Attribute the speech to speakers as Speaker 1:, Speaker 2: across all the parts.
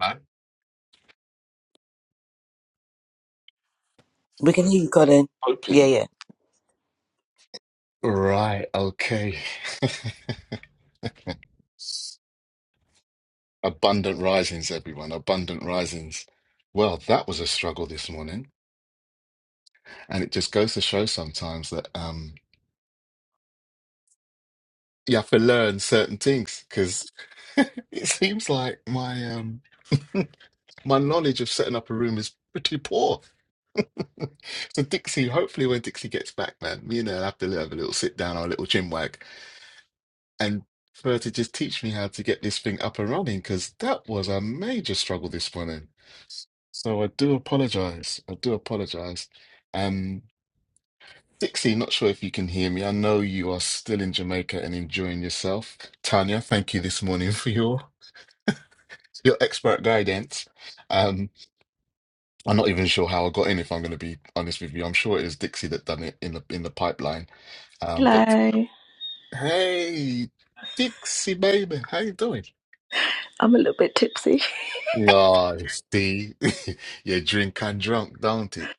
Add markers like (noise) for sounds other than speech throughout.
Speaker 1: I'm
Speaker 2: We can hear you, Corinne. Yeah,
Speaker 1: hoping.
Speaker 2: yeah.
Speaker 1: Right, okay. (laughs) Abundant risings, everyone. Abundant risings. Well, that was a struggle this morning, and it just goes to show sometimes that um you have to learn certain things because (laughs) it seems like my um (laughs) my knowledge of setting up a room is pretty poor. (laughs) So Dixie, hopefully when Dixie gets back, man, me and her have to have a little sit down or a little chinwag, and for her to just teach me how to get this thing up and running because that was a major struggle this morning. So I do apologize. I do apologize. Um, Dixie, not sure if you can hear me. I know you are still in Jamaica and enjoying yourself. Tanya, thank you this morning for your your expert guidance. Um, I'm not even sure how I got in, if I'm going to be honest with you. I'm sure it was Dixie that done it in the in the pipeline. Um, but
Speaker 3: Hello.
Speaker 1: hey, Dixie baby, how you doing?
Speaker 3: I'm a little bit tipsy.
Speaker 1: No, see, (laughs) you drink and drunk, don't it?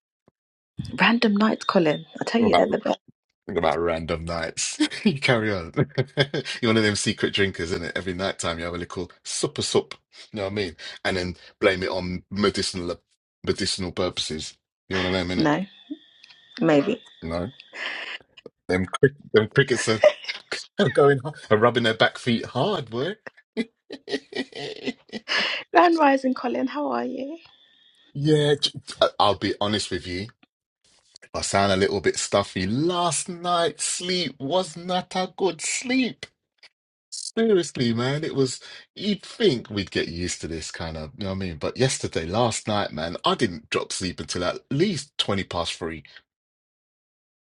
Speaker 3: Random nights, Colin. I tell
Speaker 1: What
Speaker 3: you, they're
Speaker 1: about
Speaker 3: the best.
Speaker 1: what about random nights? (laughs) You carry on. (laughs) You're one of them secret drinkers, isn't it? Every night time you have a little supper sup, you know what I mean? And then blame it on medicinal medicinal purposes. You're one of them, innit?
Speaker 3: No, maybe.
Speaker 1: You know? Them crick them crickets are, (laughs) are going hard, are rubbing their back feet hard, boy. (laughs)
Speaker 3: Grand rising, Colin. How are you?
Speaker 1: Yeah, j- I- I'll be honest with you. I sound a little bit stuffy. Last night's sleep was not a good sleep. Seriously, man, it was. You'd think we'd get used to this kind of, you know what I mean? But yesterday, last night, man, I didn't drop sleep until at least 20 past three.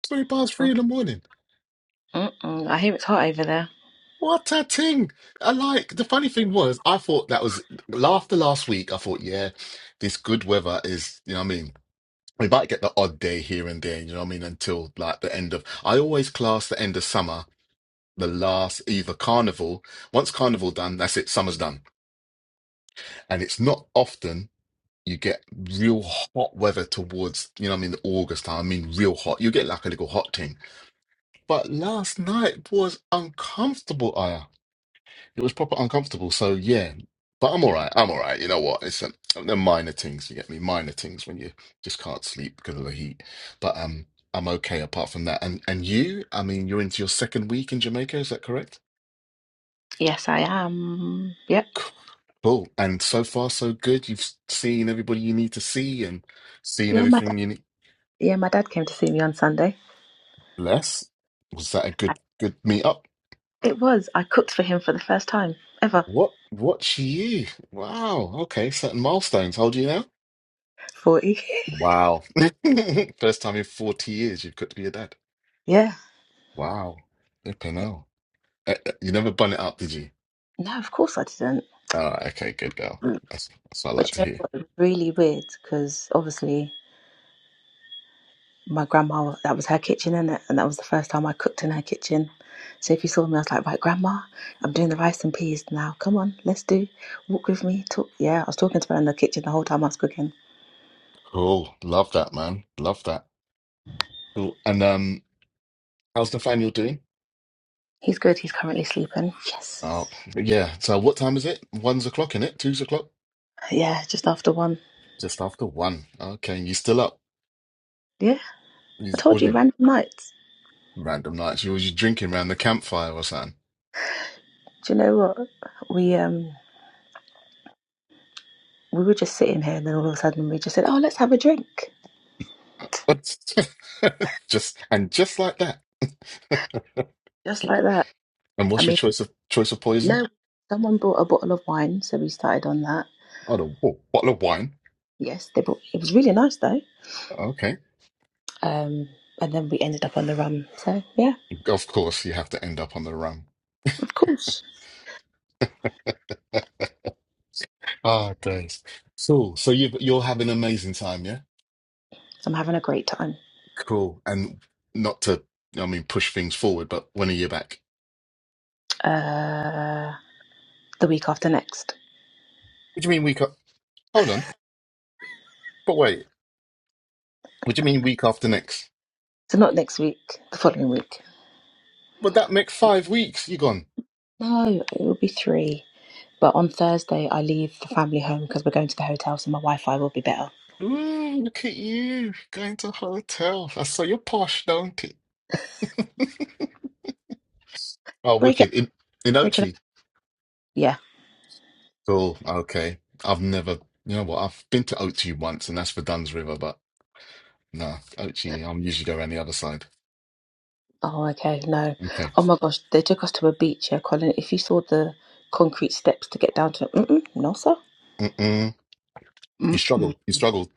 Speaker 1: 20 past three in the morning.
Speaker 3: Mm-mm. I hear it's hot over there.
Speaker 1: What a thing. I like, the funny thing was, I thought that was, after last week, I thought, yeah, this good weather is, you know what I mean? We might get the odd day here and there, you know what I mean? Until like the end of, I always class the end of summer. the last either carnival. Once carnival done, that's it, summer's done. And it's not often you get real hot weather towards, you know, what I mean, August time. I mean, real hot. You get like a little hot thing. But last night was uncomfortable, Aya. It was proper uncomfortable. So yeah, but I'm all right. I'm all right. You know what? It's um, the minor things. You get me? Minor things when you just can't sleep because of the heat. But um, I'm okay apart from that. And and you? I mean, you're into your second week in Jamaica. Is that correct?
Speaker 3: Yes, I am. Yep.
Speaker 1: Cool. And so far, so good. You've seen everybody you need to see and seen
Speaker 3: Yeah, my dad.
Speaker 1: everything you need.
Speaker 3: Yeah, my dad came to see me on Sunday.
Speaker 1: Less? Was that a good good meetup?
Speaker 3: It was. I cooked for him for the first time ever.
Speaker 1: What what she you? Wow. Okay, certain milestones. How old are you now?
Speaker 3: Forty. (laughs)
Speaker 1: Wow. (laughs) First time in 40 years you've got to be a dad.
Speaker 3: Yeah.
Speaker 1: Wow. Flipping
Speaker 3: yeah.
Speaker 1: hell. Eh, eh, You never bun it up, did you?
Speaker 3: No, of course I didn't.
Speaker 1: Oh, okay, good girl.
Speaker 3: Mm.
Speaker 1: That's that's what I
Speaker 3: But
Speaker 1: like
Speaker 3: you
Speaker 1: to
Speaker 3: know
Speaker 1: hear.
Speaker 3: what? It was really weird because obviously. my grandma that was her kitchen in and that was the first time I cooked in her kitchen. So if you saw me I was like, Right grandma, I'm doing the rice and peas now. Come on, let's do walk with me, talk yeah, I was talking to her in the kitchen the whole time I was cooking.
Speaker 1: Cool. Love that, man. Love that. Cool. And um, how's Nathaniel doing?
Speaker 3: He's good, he's currently sleeping.
Speaker 1: Oh,
Speaker 3: Yes.
Speaker 1: but yeah. So what time is it? One's o'clock, in it? Two's o'clock?
Speaker 3: Yeah, just after one.
Speaker 1: Just after one. Okay, and you still up?
Speaker 3: Yeah.
Speaker 1: You,
Speaker 3: I told
Speaker 1: what are
Speaker 3: you
Speaker 1: you
Speaker 3: random nights.
Speaker 1: random nights? You was you drinking around the campfire or something?
Speaker 3: Do you know what? We um we were just sitting here and then all of a sudden we just said, Oh, let's have a drink.
Speaker 1: What? (laughs) just and just like that. (laughs)
Speaker 3: Just like that.
Speaker 1: And
Speaker 3: I
Speaker 1: what's your
Speaker 3: mean
Speaker 1: choice of choice of poison?
Speaker 3: no someone brought a bottle of wine, so we started on that.
Speaker 1: Oh, the oh, bottle of wine.
Speaker 3: Yes, they brought it was really nice though
Speaker 1: Okay,
Speaker 3: Um, and then we ended up on the run. So yeah,
Speaker 1: of course you have to end up on the rum.
Speaker 3: of course.
Speaker 1: (laughs) Ah, days. Cool. So you you're having an amazing time, yeah?
Speaker 3: So I'm having a great time.
Speaker 1: Cool. And not to, I mean, push things forward, but when are you back?
Speaker 3: Uh, the week after next.
Speaker 1: What do you mean we got? Hold on. But wait, what do you mean week after next?
Speaker 3: So not next week, the following week.
Speaker 1: But that makes five weeks. You gone?
Speaker 3: No, it will be three. But on Thursday, I leave the family home because we're going to the hotel, so my Wi-Fi will be better.
Speaker 1: Ooh, look at you going to hotel. I saw you posh, don't it? (laughs) Oh,
Speaker 3: Break it,
Speaker 1: wicked in in
Speaker 3: break it up.
Speaker 1: Ochi.
Speaker 3: Yeah.
Speaker 1: Cool. Okay, I've never. You know what? I've been to Ochi once, and that's for Duns River. But no, Ochi. I'm usually go around the other side.
Speaker 3: Oh, okay. No.
Speaker 1: Okay.
Speaker 3: Oh my gosh, they took us to a beach here, Colin. If you saw the concrete steps to get down to, it, mm-mm, no sir.
Speaker 1: Mm-mm. You
Speaker 3: Mm-mm.
Speaker 1: struggled. You struggled.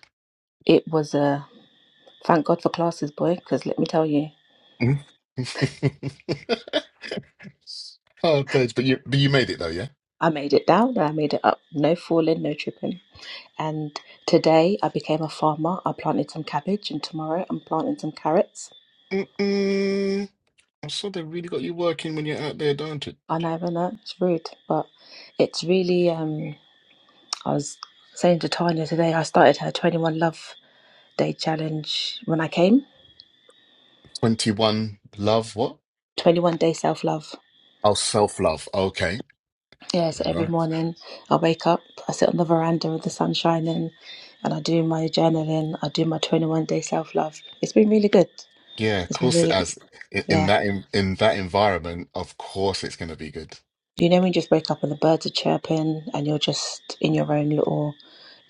Speaker 3: It was a uh, thank God for classes, boy. Because let me tell you.
Speaker 1: Mm. (laughs) oh, Dej, but you but you made it though, yeah.
Speaker 3: I made it down and I made it up. No falling, no tripping. And today I became a farmer. I planted some cabbage and tomorrow I'm planting some carrots.
Speaker 1: Mm-mm. I saw they really got you working when you're out there, don't it?
Speaker 3: I never know, it's rude, but it's really, um, I was saying to Tanya today, I started her 21 Love Day challenge when I came.
Speaker 1: 21 love what?
Speaker 3: 21 Day Self Love.
Speaker 1: Oh, self-love. Okay.
Speaker 3: Yeah, so every
Speaker 1: Right.
Speaker 3: morning I wake up, I sit on the veranda with the sun shining and I do my journaling, I do my 21 Day Self Love. It's been really good.
Speaker 1: Yeah, of
Speaker 3: It's been
Speaker 1: course it
Speaker 3: really good.
Speaker 1: has. In, in
Speaker 3: Yeah.
Speaker 1: that in, in that environment, of course it's going to be good.
Speaker 3: Do you know when you just wake up and the birds are chirping and you're just in your own little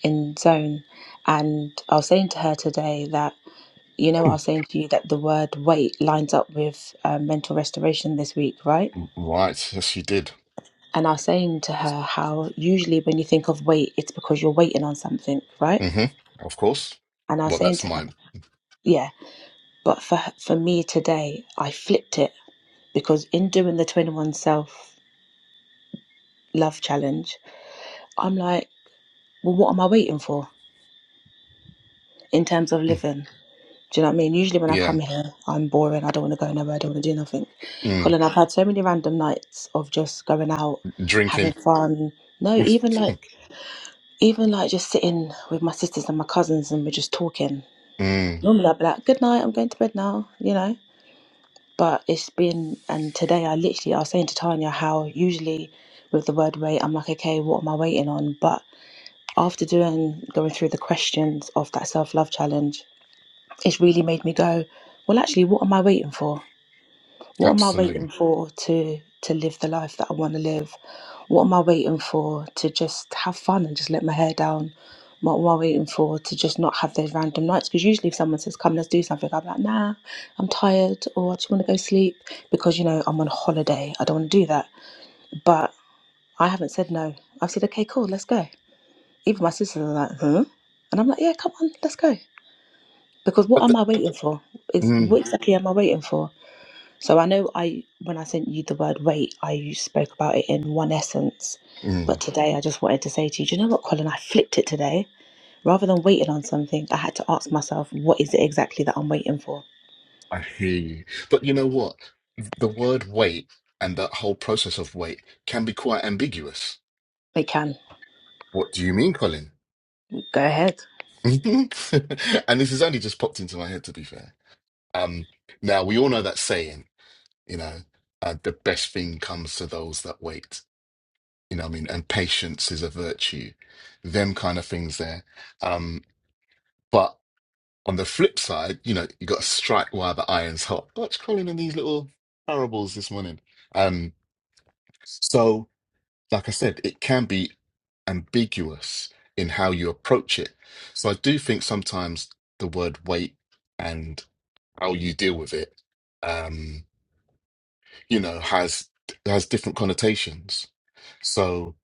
Speaker 3: in zone? And I was saying to her today that, you know, I was saying to you that the word wait lines up with uh, mental restoration this week, right?
Speaker 1: Right. Yes, you did.
Speaker 3: And I was saying to her how usually when you think of wait, it's because you're waiting on something, right?
Speaker 1: hmm Of course.
Speaker 3: And I was
Speaker 1: Well,
Speaker 3: saying
Speaker 1: that's
Speaker 3: to her,
Speaker 1: mine.
Speaker 3: yeah, but for for me today, I flipped it because in doing the 21 self love challenge, I'm like, well, what am I waiting for in terms of
Speaker 1: Mm,
Speaker 3: living? Do you know what I mean? Usually when I
Speaker 1: Yeah.
Speaker 3: come here, I'm boring. I don't want to go nowhere. I don't want to do nothing.
Speaker 1: Mm.
Speaker 3: Colin, I've had so many random nights of just going out, having
Speaker 1: Drinking.
Speaker 3: fun. No, even
Speaker 1: (laughs)
Speaker 3: like, even like just sitting with my sisters and my cousins and we're just talking.
Speaker 1: Mm.
Speaker 3: Normally I'd be like, good night, I'm going to bed now, you know? But it's been, and today I literally, I was saying to Tanya how usually with the word wait, I'm like, okay, what am I waiting on? But after doing, going through the questions of that self love challenge, it's really made me go, well, actually, what am I waiting for? What am I
Speaker 1: Absolutely.
Speaker 3: waiting for to to live the life that I want to live? What am I waiting for to just have fun and just let my hair down? What am I waiting for to just not have those random nights? Because usually, if someone says, "Come, let's do something," I'm like, "Nah, I'm tired," or "I just want to go sleep," because you know I'm on holiday. I don't want to do that. But I haven't said no. I've said, "Okay, cool, let's go." Even my sisters are like, "Huh," and I'm like, "Yeah, come on, let's go." Because what
Speaker 1: But
Speaker 3: am
Speaker 1: the,
Speaker 3: I waiting for? Is
Speaker 1: mm,
Speaker 3: what exactly am I waiting for? So I know I when I sent you the word wait, I spoke about it in one essence. But
Speaker 1: mm,
Speaker 3: today I just wanted to say to you, do you know what, Colin? I flipped it today. Rather than waiting on something, I had to ask myself, what is it exactly that I'm waiting for?
Speaker 1: I hear you. But you know what? The word wait and that whole process of wait can be quite ambiguous.
Speaker 3: It can.
Speaker 1: What do you mean, Colin?
Speaker 3: Go ahead.
Speaker 1: (laughs) And this has only just popped into my head, to be fair. Um, now we all know that saying, you know, uh, the best thing comes to those that wait. You know, what I mean, and patience is a virtue. Them kind of things there. Um, but on the flip side, you know, you got to strike while the iron's hot. Watch Colin and these little parables this morning. Um, so. like I said, it can be ambiguous in how you approach it. So I do think sometimes the word weight and how you deal with it, um, you know, has has different connotations. So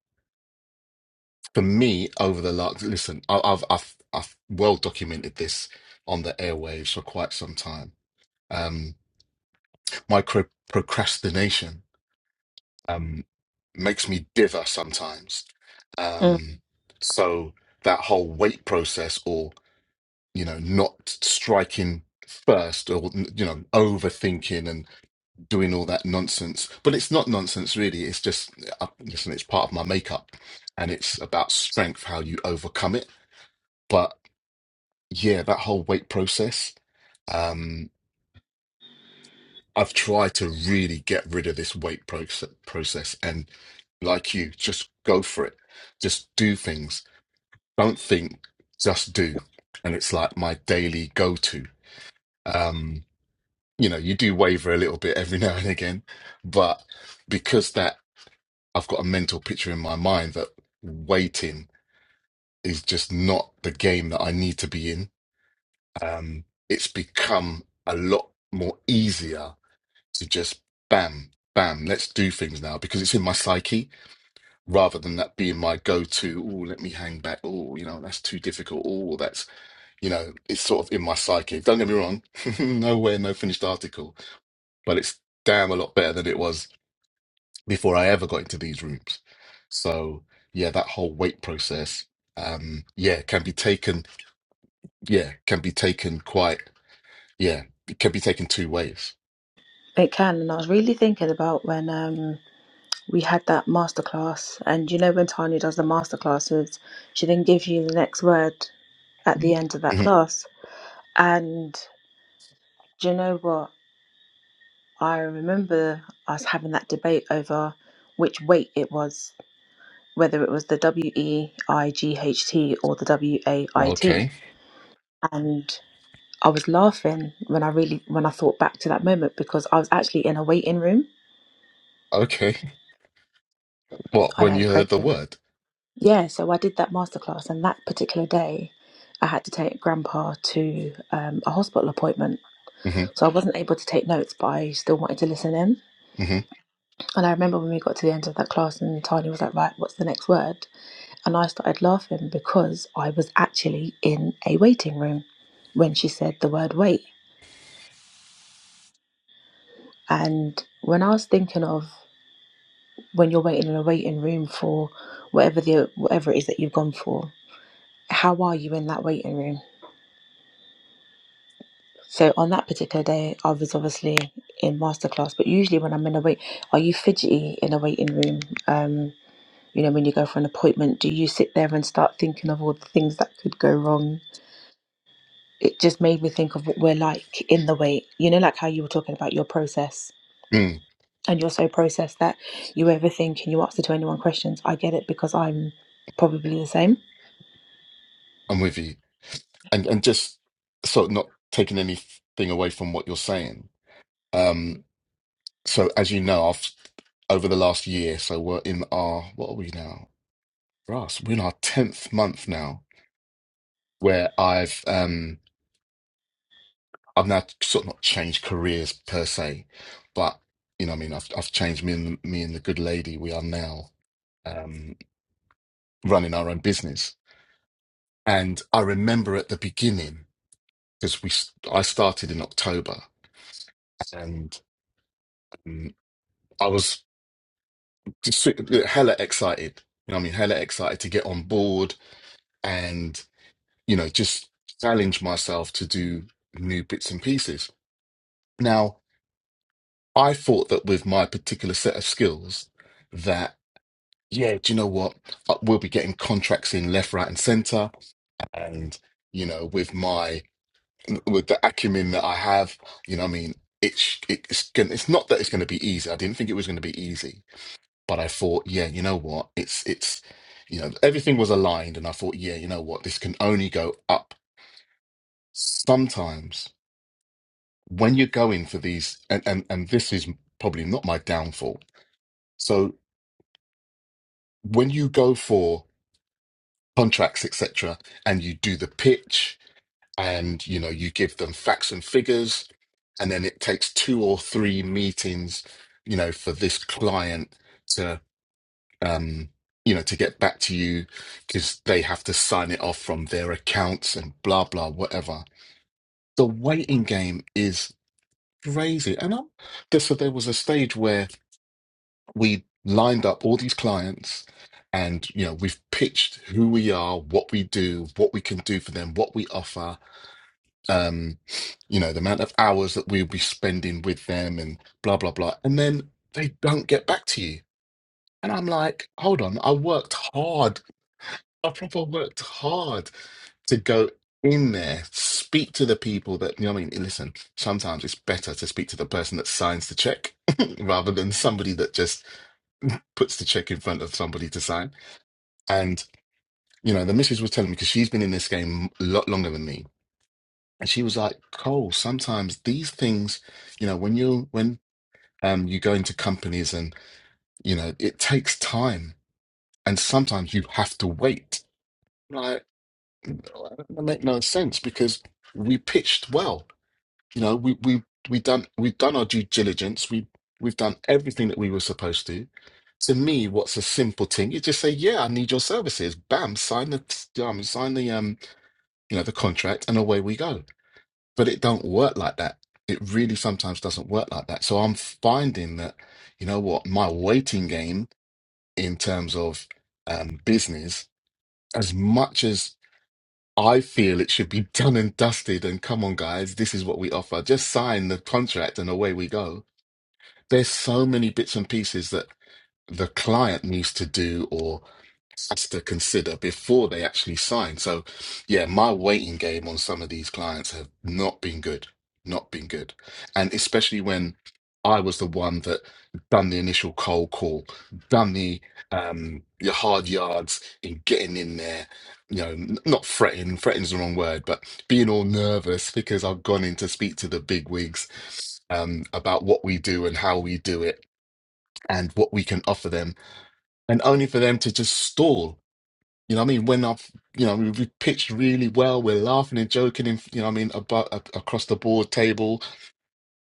Speaker 1: for me, over the last listen, I- I've I've I've well documented this on the airwaves for quite some time. Um, micro procrastination um, makes me dither sometimes.
Speaker 3: Mm,
Speaker 1: Um, so that whole wait process, or you know, not striking first, or you know, overthinking and doing all that nonsense. But it's not nonsense, really. It's just uh, listen. It's part of my makeup, and it's about strength, how you overcome it. But yeah, that whole wait process. Um, I've tried to really get rid of this wait process, process and like you, just go for it. Just do things. Don't think, just do. And it's like my daily go to. Um, you know, you do waver a little bit every (laughs) now and again, but because that I've got a mental picture in my mind that waiting is just not the game that I need to be in, um, it's become a lot more easier to just bam, bam, let's do things now because it's in my psyche rather than that being my go to. Oh, let me hang back. Oh, you know, that's too difficult. Oh, that's, you know, it's sort of in my psyche. Don't get me wrong, (laughs) nowhere, no finished article, but it's damn a lot better than it was before I ever got into these rooms. So, yeah, that whole weight process, um, yeah, can be taken, yeah, can be taken quite, yeah, it can be taken two ways.
Speaker 3: it can. And I was really thinking about when um, we had that masterclass. And you know, when Tanya does the masterclasses, she then gives you the next word at the end of that
Speaker 1: Mhm.
Speaker 3: class. And do you know what? I remember us having that debate over which weight it was, whether it was the W E I G H T or the W A I T.
Speaker 1: Okay.
Speaker 3: And I was laughing when I really when I thought back to that moment because I was actually in a waiting room.
Speaker 1: Okay. What,
Speaker 3: I
Speaker 1: when
Speaker 3: know,
Speaker 1: you
Speaker 3: crazy.
Speaker 1: heard the word?
Speaker 3: Yeah, so I did that masterclass, and that particular day, I had to take Grandpa to um, a hospital appointment,
Speaker 1: Mm-hmm.
Speaker 3: so I wasn't able to take notes, but I still wanted to listen in.
Speaker 1: Mm-hmm.
Speaker 3: And I remember when we got to the end of that class, and Tanya was like, "Right, what's the next word?" And I started laughing because I was actually in a waiting room when she said the word wait. And when I was thinking of when you're waiting in a waiting room for whatever the whatever it is that you've gone for, how are you in that waiting room? So on that particular day, I was obviously in masterclass, but usually when I'm in a wait, are you fidgety in a waiting room? Um, you know, when you go for an appointment, do you sit there and start thinking of all the things that could go wrong? it just made me think of what we're like in the wait. You know, like how you were talking about your process
Speaker 1: Mm,
Speaker 3: and you're so processed that you overthink and you answer to anyone questions. I get it because I'm probably the same.
Speaker 1: I'm with you. And and just so not taking anything away from what you're saying. Um, so as you know, I've over the last year, so we're in our what are we now? Ross, we're in our tenth month now, where I've um I've now sort of not changed careers per se, but you know, what I mean, I've I've changed me and me and the good lady. We are now um running our own business, and I remember at the beginning because we s- I started in October and um, I was just hella excited. You know, what I mean, hella excited to get on board and you know just challenge myself to do new bits and pieces. Now, I thought that with my particular set of skills, that yeah, do you know what? Uh, We'll be getting contracts in left, right, and centre, and you know, with my with the acumen that I have, you know, what I mean. It's it's gonna, it's not that it's going to be easy. I didn't think it was going to be easy, but I thought, yeah, you know what? It's it's you know, everything was aligned and I thought, yeah, you know what, this can only go up. Sometimes when you're going for these and and, and this is probably not my downfall. So when you go for contracts, etc., and you do the pitch and you know, you give them facts and figures, and then it takes two or three meetings, you know, for this client um, you know, to get back to you because they have to sign it off from their accounts and blah blah whatever. The waiting game is crazy, and I'm just so there was a stage where we lined up all these clients, and you know, we've pitched who we are, what we do, what we can do for them, what we offer, um, you know, the amount of hours that we'll be spending with them, and blah blah blah, and then they don't get back to you. And I'm like, hold on, I worked hard I proper worked hard to go in there, speak to the people that, you know what I mean? Listen, sometimes it's better to speak to the person that signs the check (laughs) rather than somebody that just puts the check in front of somebody to sign. And, you know, the missus was telling me, because she's been in this game a lot longer than me. And she was like, Cole, sometimes these things, you know, when you when um you go into companies and, you know, it takes time. And sometimes you have to wait. Like, That make no sense because we pitched well. You know, we we we done we've done our due diligence. We we've done everything that we were supposed to. To me, what's a simple thing? You just say, "Yeah, I need your services." Bam, sign the t- um, sign the um, you know, the contract, and away we go. But it don't work like that. It really sometimes doesn't work like that. So I'm finding that, you know what, my waiting game in terms of um, business, as much as I feel it should be done and dusted. And come on, guys, this is what we offer. Just sign the contract and away we go. There's so many bits and pieces that the client needs to do, or has to consider before they actually sign. So, yeah, my waiting game on some of these clients have not been good, not been good, and especially when I was the one that done the initial cold call, done the um your hard yards in getting in there. You know, n- not fretting, fretting's the wrong word, but being all nervous because I've gone in to speak to the big wigs um, about what we do and how we do it and what we can offer them, and only for them to just stall you know what I mean? When I've, you know, we we pitched really well, we're laughing and joking, in, you know what I mean, about a- across the board table,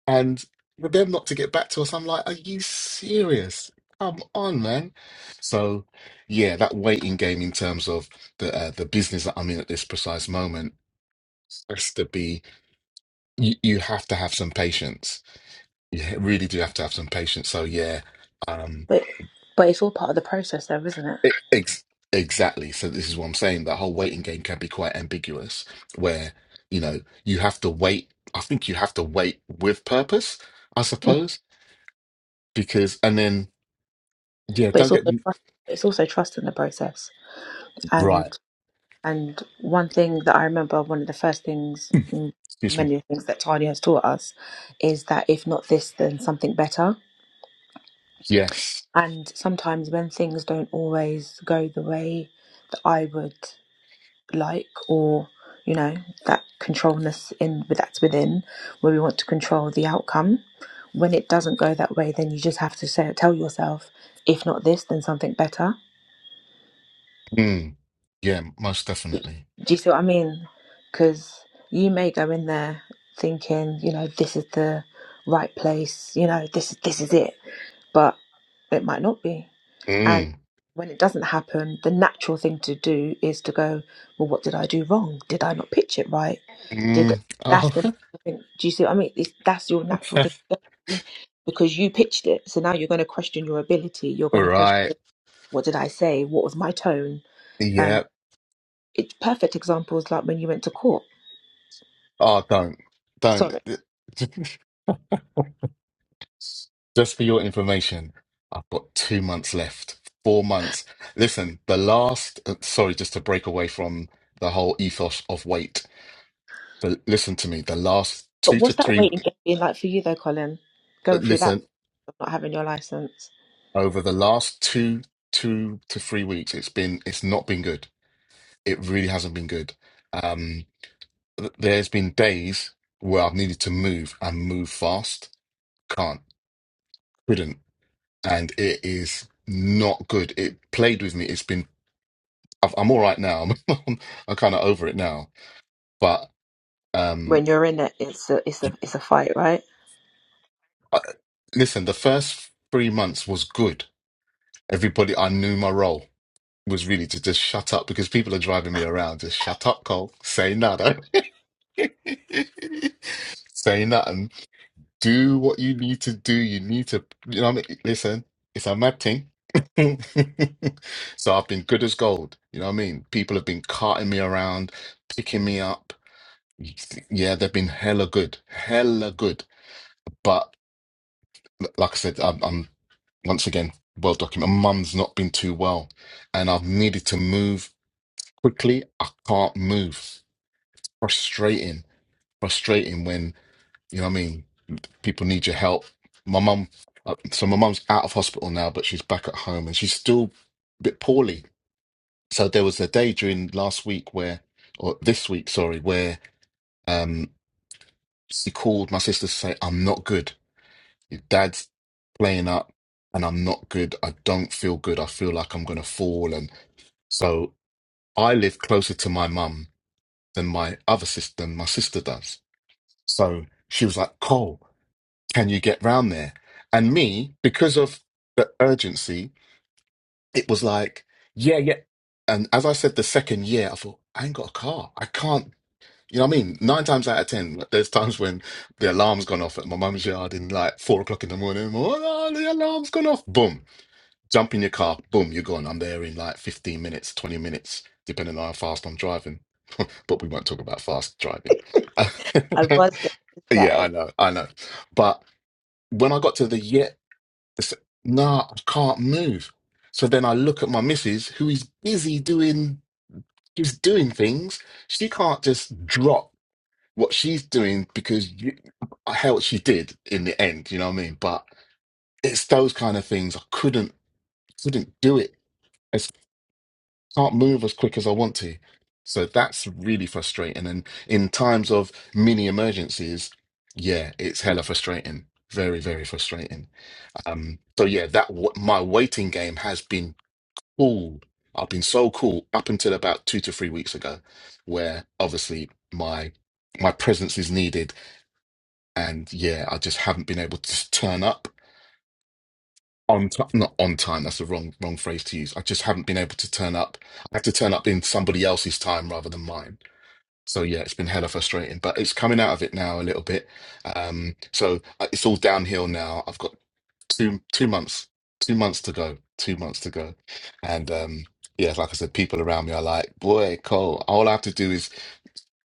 Speaker 1: and for them not to get back to us, I'm like, are you serious? Come on, man. So, yeah, that waiting game in terms of the uh, the business that I'm in at this precise moment has to be. You, you have to have some patience. You ha- really do have to have some patience. So, yeah. um,
Speaker 3: But but it's all part of the process though, isn't it?
Speaker 1: E- Ex exactly. So this is what I'm saying. That whole waiting game can be quite ambiguous, where, you know, you have to wait. I think you have to wait with purpose, I
Speaker 3: Mm.
Speaker 1: suppose, because, and then, yeah,
Speaker 3: But
Speaker 1: don't
Speaker 3: it's
Speaker 1: get
Speaker 3: also
Speaker 1: me
Speaker 3: trust it's also trust in the process.
Speaker 1: right.
Speaker 3: And and one thing that I remember, one of the first things mm,
Speaker 1: Excuse me.
Speaker 3: many of the things that Tanya has taught us is that if not this then something better.
Speaker 1: Yes.
Speaker 3: And sometimes when things don't always go the way that I would like, or you know, that controlness in that's within, where we want to control the outcome. When it doesn't go that way, then you just have to say, tell yourself, if not this, then something better.
Speaker 1: Mm, yeah, most definitely.
Speaker 3: Do you see what I mean? Because you may go in there thinking, you know, this is the right place, you know, this this is it, but it might not be And
Speaker 1: Mm,
Speaker 3: when it doesn't happen, the natural thing to do is to go, well, what did I do wrong? Did I not pitch it right? Did
Speaker 1: mm.
Speaker 3: that's the
Speaker 1: Oh,
Speaker 3: natural thing? Do you see what I mean? It's, that's your natural thing to do because you pitched it. So now you're going to question your ability. You're
Speaker 1: (laughs)
Speaker 3: going to question
Speaker 1: right.
Speaker 3: what did I say? What was my tone? Um,
Speaker 1: Yeah.
Speaker 3: it's perfect examples like when you went to court.
Speaker 1: Oh, don't, don't.
Speaker 3: Sorry,
Speaker 1: (laughs) S- Just for your information, I've got two months left. Four months. Listen, the last, uh, sorry, just to break away from the whole ethos of weight. But listen to me, the last
Speaker 3: but
Speaker 1: two to
Speaker 3: what's that
Speaker 1: three,
Speaker 3: waiting game been like for you though, Colin?
Speaker 1: uh,
Speaker 3: Going through that,
Speaker 1: listen,
Speaker 3: not having your license
Speaker 1: over the last two, two to three weeks, it's been, it's not been good. It really hasn't been good. Um, th- there's been days where I've needed to move and move fast. Can't, couldn't. And it is not good. It played with me. It's been I've- I'm all right now. (laughs) I'm, I'm kind of over it now. But
Speaker 3: when
Speaker 1: um,
Speaker 3: you're in it, it's a it's a
Speaker 1: you-
Speaker 3: it's a fight, right?
Speaker 1: I, listen, the first three months was good. Everybody, I knew my role was really to just shut up because people are driving me around. Just shut up, Cole. Say nada. (laughs) Say nothing. Do what you need to do. You need to, you know what I mean? Listen, it's a mad thing. (laughs) so I've been good as gold. You know what I mean? People have been carting me around, picking me up Yeah, they've been hella good, hella good. But like I said, I'm, I'm once again well documented. My mum's not been too well, and I've needed to move quickly. I can't move. Frustrating, frustrating when you know what I mean. People need your help. My mum, uh, so my mum's out of hospital now, but she's back at home, and she's still a bit poorly. So there was a day during last week where, or this week, sorry, where um she called my sister to say I'm not good Your dad's playing up and I'm not good. I don't feel good. I feel like I'm going to fall. And so I live closer to my mum than my other sister, than my sister does. So she was like, Cole, can you get round there? And me, because of the urgency, it was like, yeah, yeah. And as I said the second year, I thought, I ain't got a car. I can't. You know what I mean? Nine times out of ten, like, there's times when the alarm's gone off at my mum's yard in like four o'clock in the morning. Oh, the alarm's gone off. Boom Jump in your car, boom, you're gone. I'm there in like 15 minutes, 20 minutes, depending on how fast I'm driving. (laughs) but we won't talk about fast driving.
Speaker 3: (laughs) I
Speaker 1: (laughs)
Speaker 3: was going to
Speaker 1: yeah,
Speaker 3: say.
Speaker 1: I know, I know. But when I got to the yet, it's- nah, I can't move. So then I look at my missus, who is busy doing, she's doing things. She can't just drop what she's doing because you, I held she did in the end, you know what I mean? But it's those kind of things. I couldn't, couldn't do it can't move as quick as I want to. So that's really frustrating. And in times of mini emergencies, yeah, it's hella frustrating. Very, very frustrating. Um, so yeah, that w my waiting game has been cool. I've been so cool up until about two to three weeks ago, where obviously my my presence is needed, and yeah, I just haven't been able to turn up on time, not on time. That's the wrong wrong phrase to use. I just haven't been able to turn up. I have to turn up in somebody else's time rather than mine. So yeah, it's been hella frustrating, but it's coming out of it now a little bit. Um, so uh, it's all downhill now. I've got two two months, two months to go, two months to go, and um, yeah, like I said, people around me are like, "Boy, Cole, all I have to do is."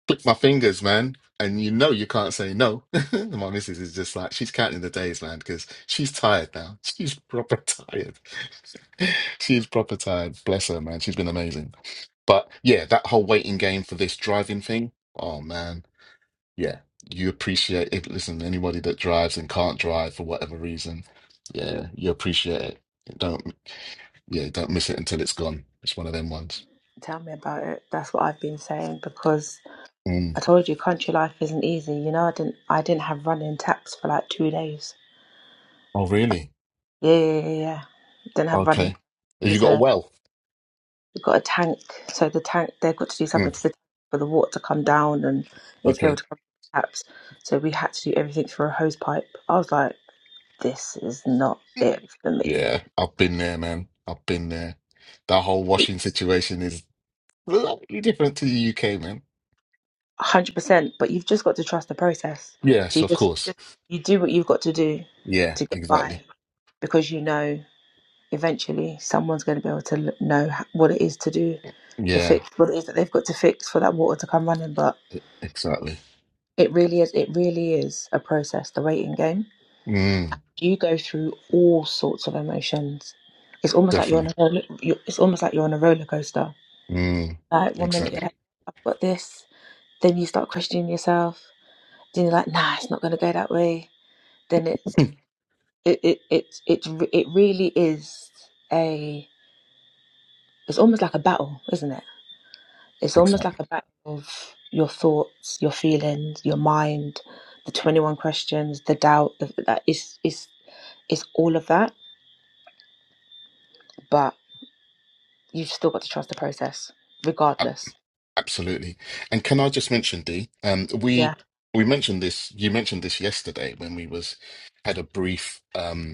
Speaker 1: click my fingers, man. And you know you can't say no. (laughs) And my missus is just like she's counting the days, man, because she's tired now. (laughs) She's proper tired. (laughs) she's proper tired. Bless her, man. She's been amazing. But yeah, that whole waiting game for this driving thing. Oh man, yeah. You appreciate it. Listen, anybody that drives and can't drive for whatever reason, yeah, you appreciate it. Don't yeah, don't miss it until it's gone. It's one of them ones.
Speaker 3: Tell me about it. That's what I've been saying because
Speaker 1: Mm.
Speaker 3: I told you country life isn't easy. You know, I didn't I didn't have running taps for like two days.
Speaker 1: Oh really?
Speaker 3: Yeah, yeah, yeah. yeah. yeah. Didn't have running.
Speaker 1: Okay. Have you
Speaker 3: Use
Speaker 1: got a
Speaker 3: a
Speaker 1: well?
Speaker 3: we got a tank, so the tank they've got to do something
Speaker 1: Mm.
Speaker 3: to the tank for the water to come down and need to be
Speaker 1: Okay.
Speaker 3: able to come to the taps. So we had to do everything through a hose pipe. I was like, this is not it for me.
Speaker 1: Yeah, I've been there, man. I've been there. That whole washing situation is slightly different to the UK, man.
Speaker 3: hundred percent. But you've just got to trust the process. So
Speaker 1: Yes,
Speaker 3: you
Speaker 1: of
Speaker 3: just,
Speaker 1: course.
Speaker 3: just you do what you've got to do
Speaker 1: Yeah,
Speaker 3: to get
Speaker 1: exactly.
Speaker 3: by because you know. eventually someone's going to be able to know what it is to do to
Speaker 1: Yeah,
Speaker 3: fix what it is that they've got to fix for that water to come running but
Speaker 1: e- exactly.
Speaker 3: it really is it really is a process the waiting game
Speaker 1: Mm,
Speaker 3: you go through all sorts of emotions it's almost like you're on
Speaker 1: definitely.
Speaker 3: a roller, you it's almost like you're on a roller coaster
Speaker 1: Mm,
Speaker 3: like one minute you're
Speaker 1: exactly.
Speaker 3: like i've got this then you start questioning yourself then you're like nah it's not going to go that way then it's
Speaker 1: (clears throat)
Speaker 3: it it it it's it really is a it's almost like a battle isn't it It's almost like
Speaker 1: Exactly.
Speaker 3: a battle of your thoughts, your feelings, your mind, the 21 questions, the doubt. The, that it's, it's, it's all of that, but you've still got to trust the process,
Speaker 1: A-
Speaker 3: regardless.
Speaker 1: Absolutely. And can I just mention, Dee, um,
Speaker 3: Yeah,
Speaker 1: we we mentioned this, you mentioned this yesterday when we was had a brief um,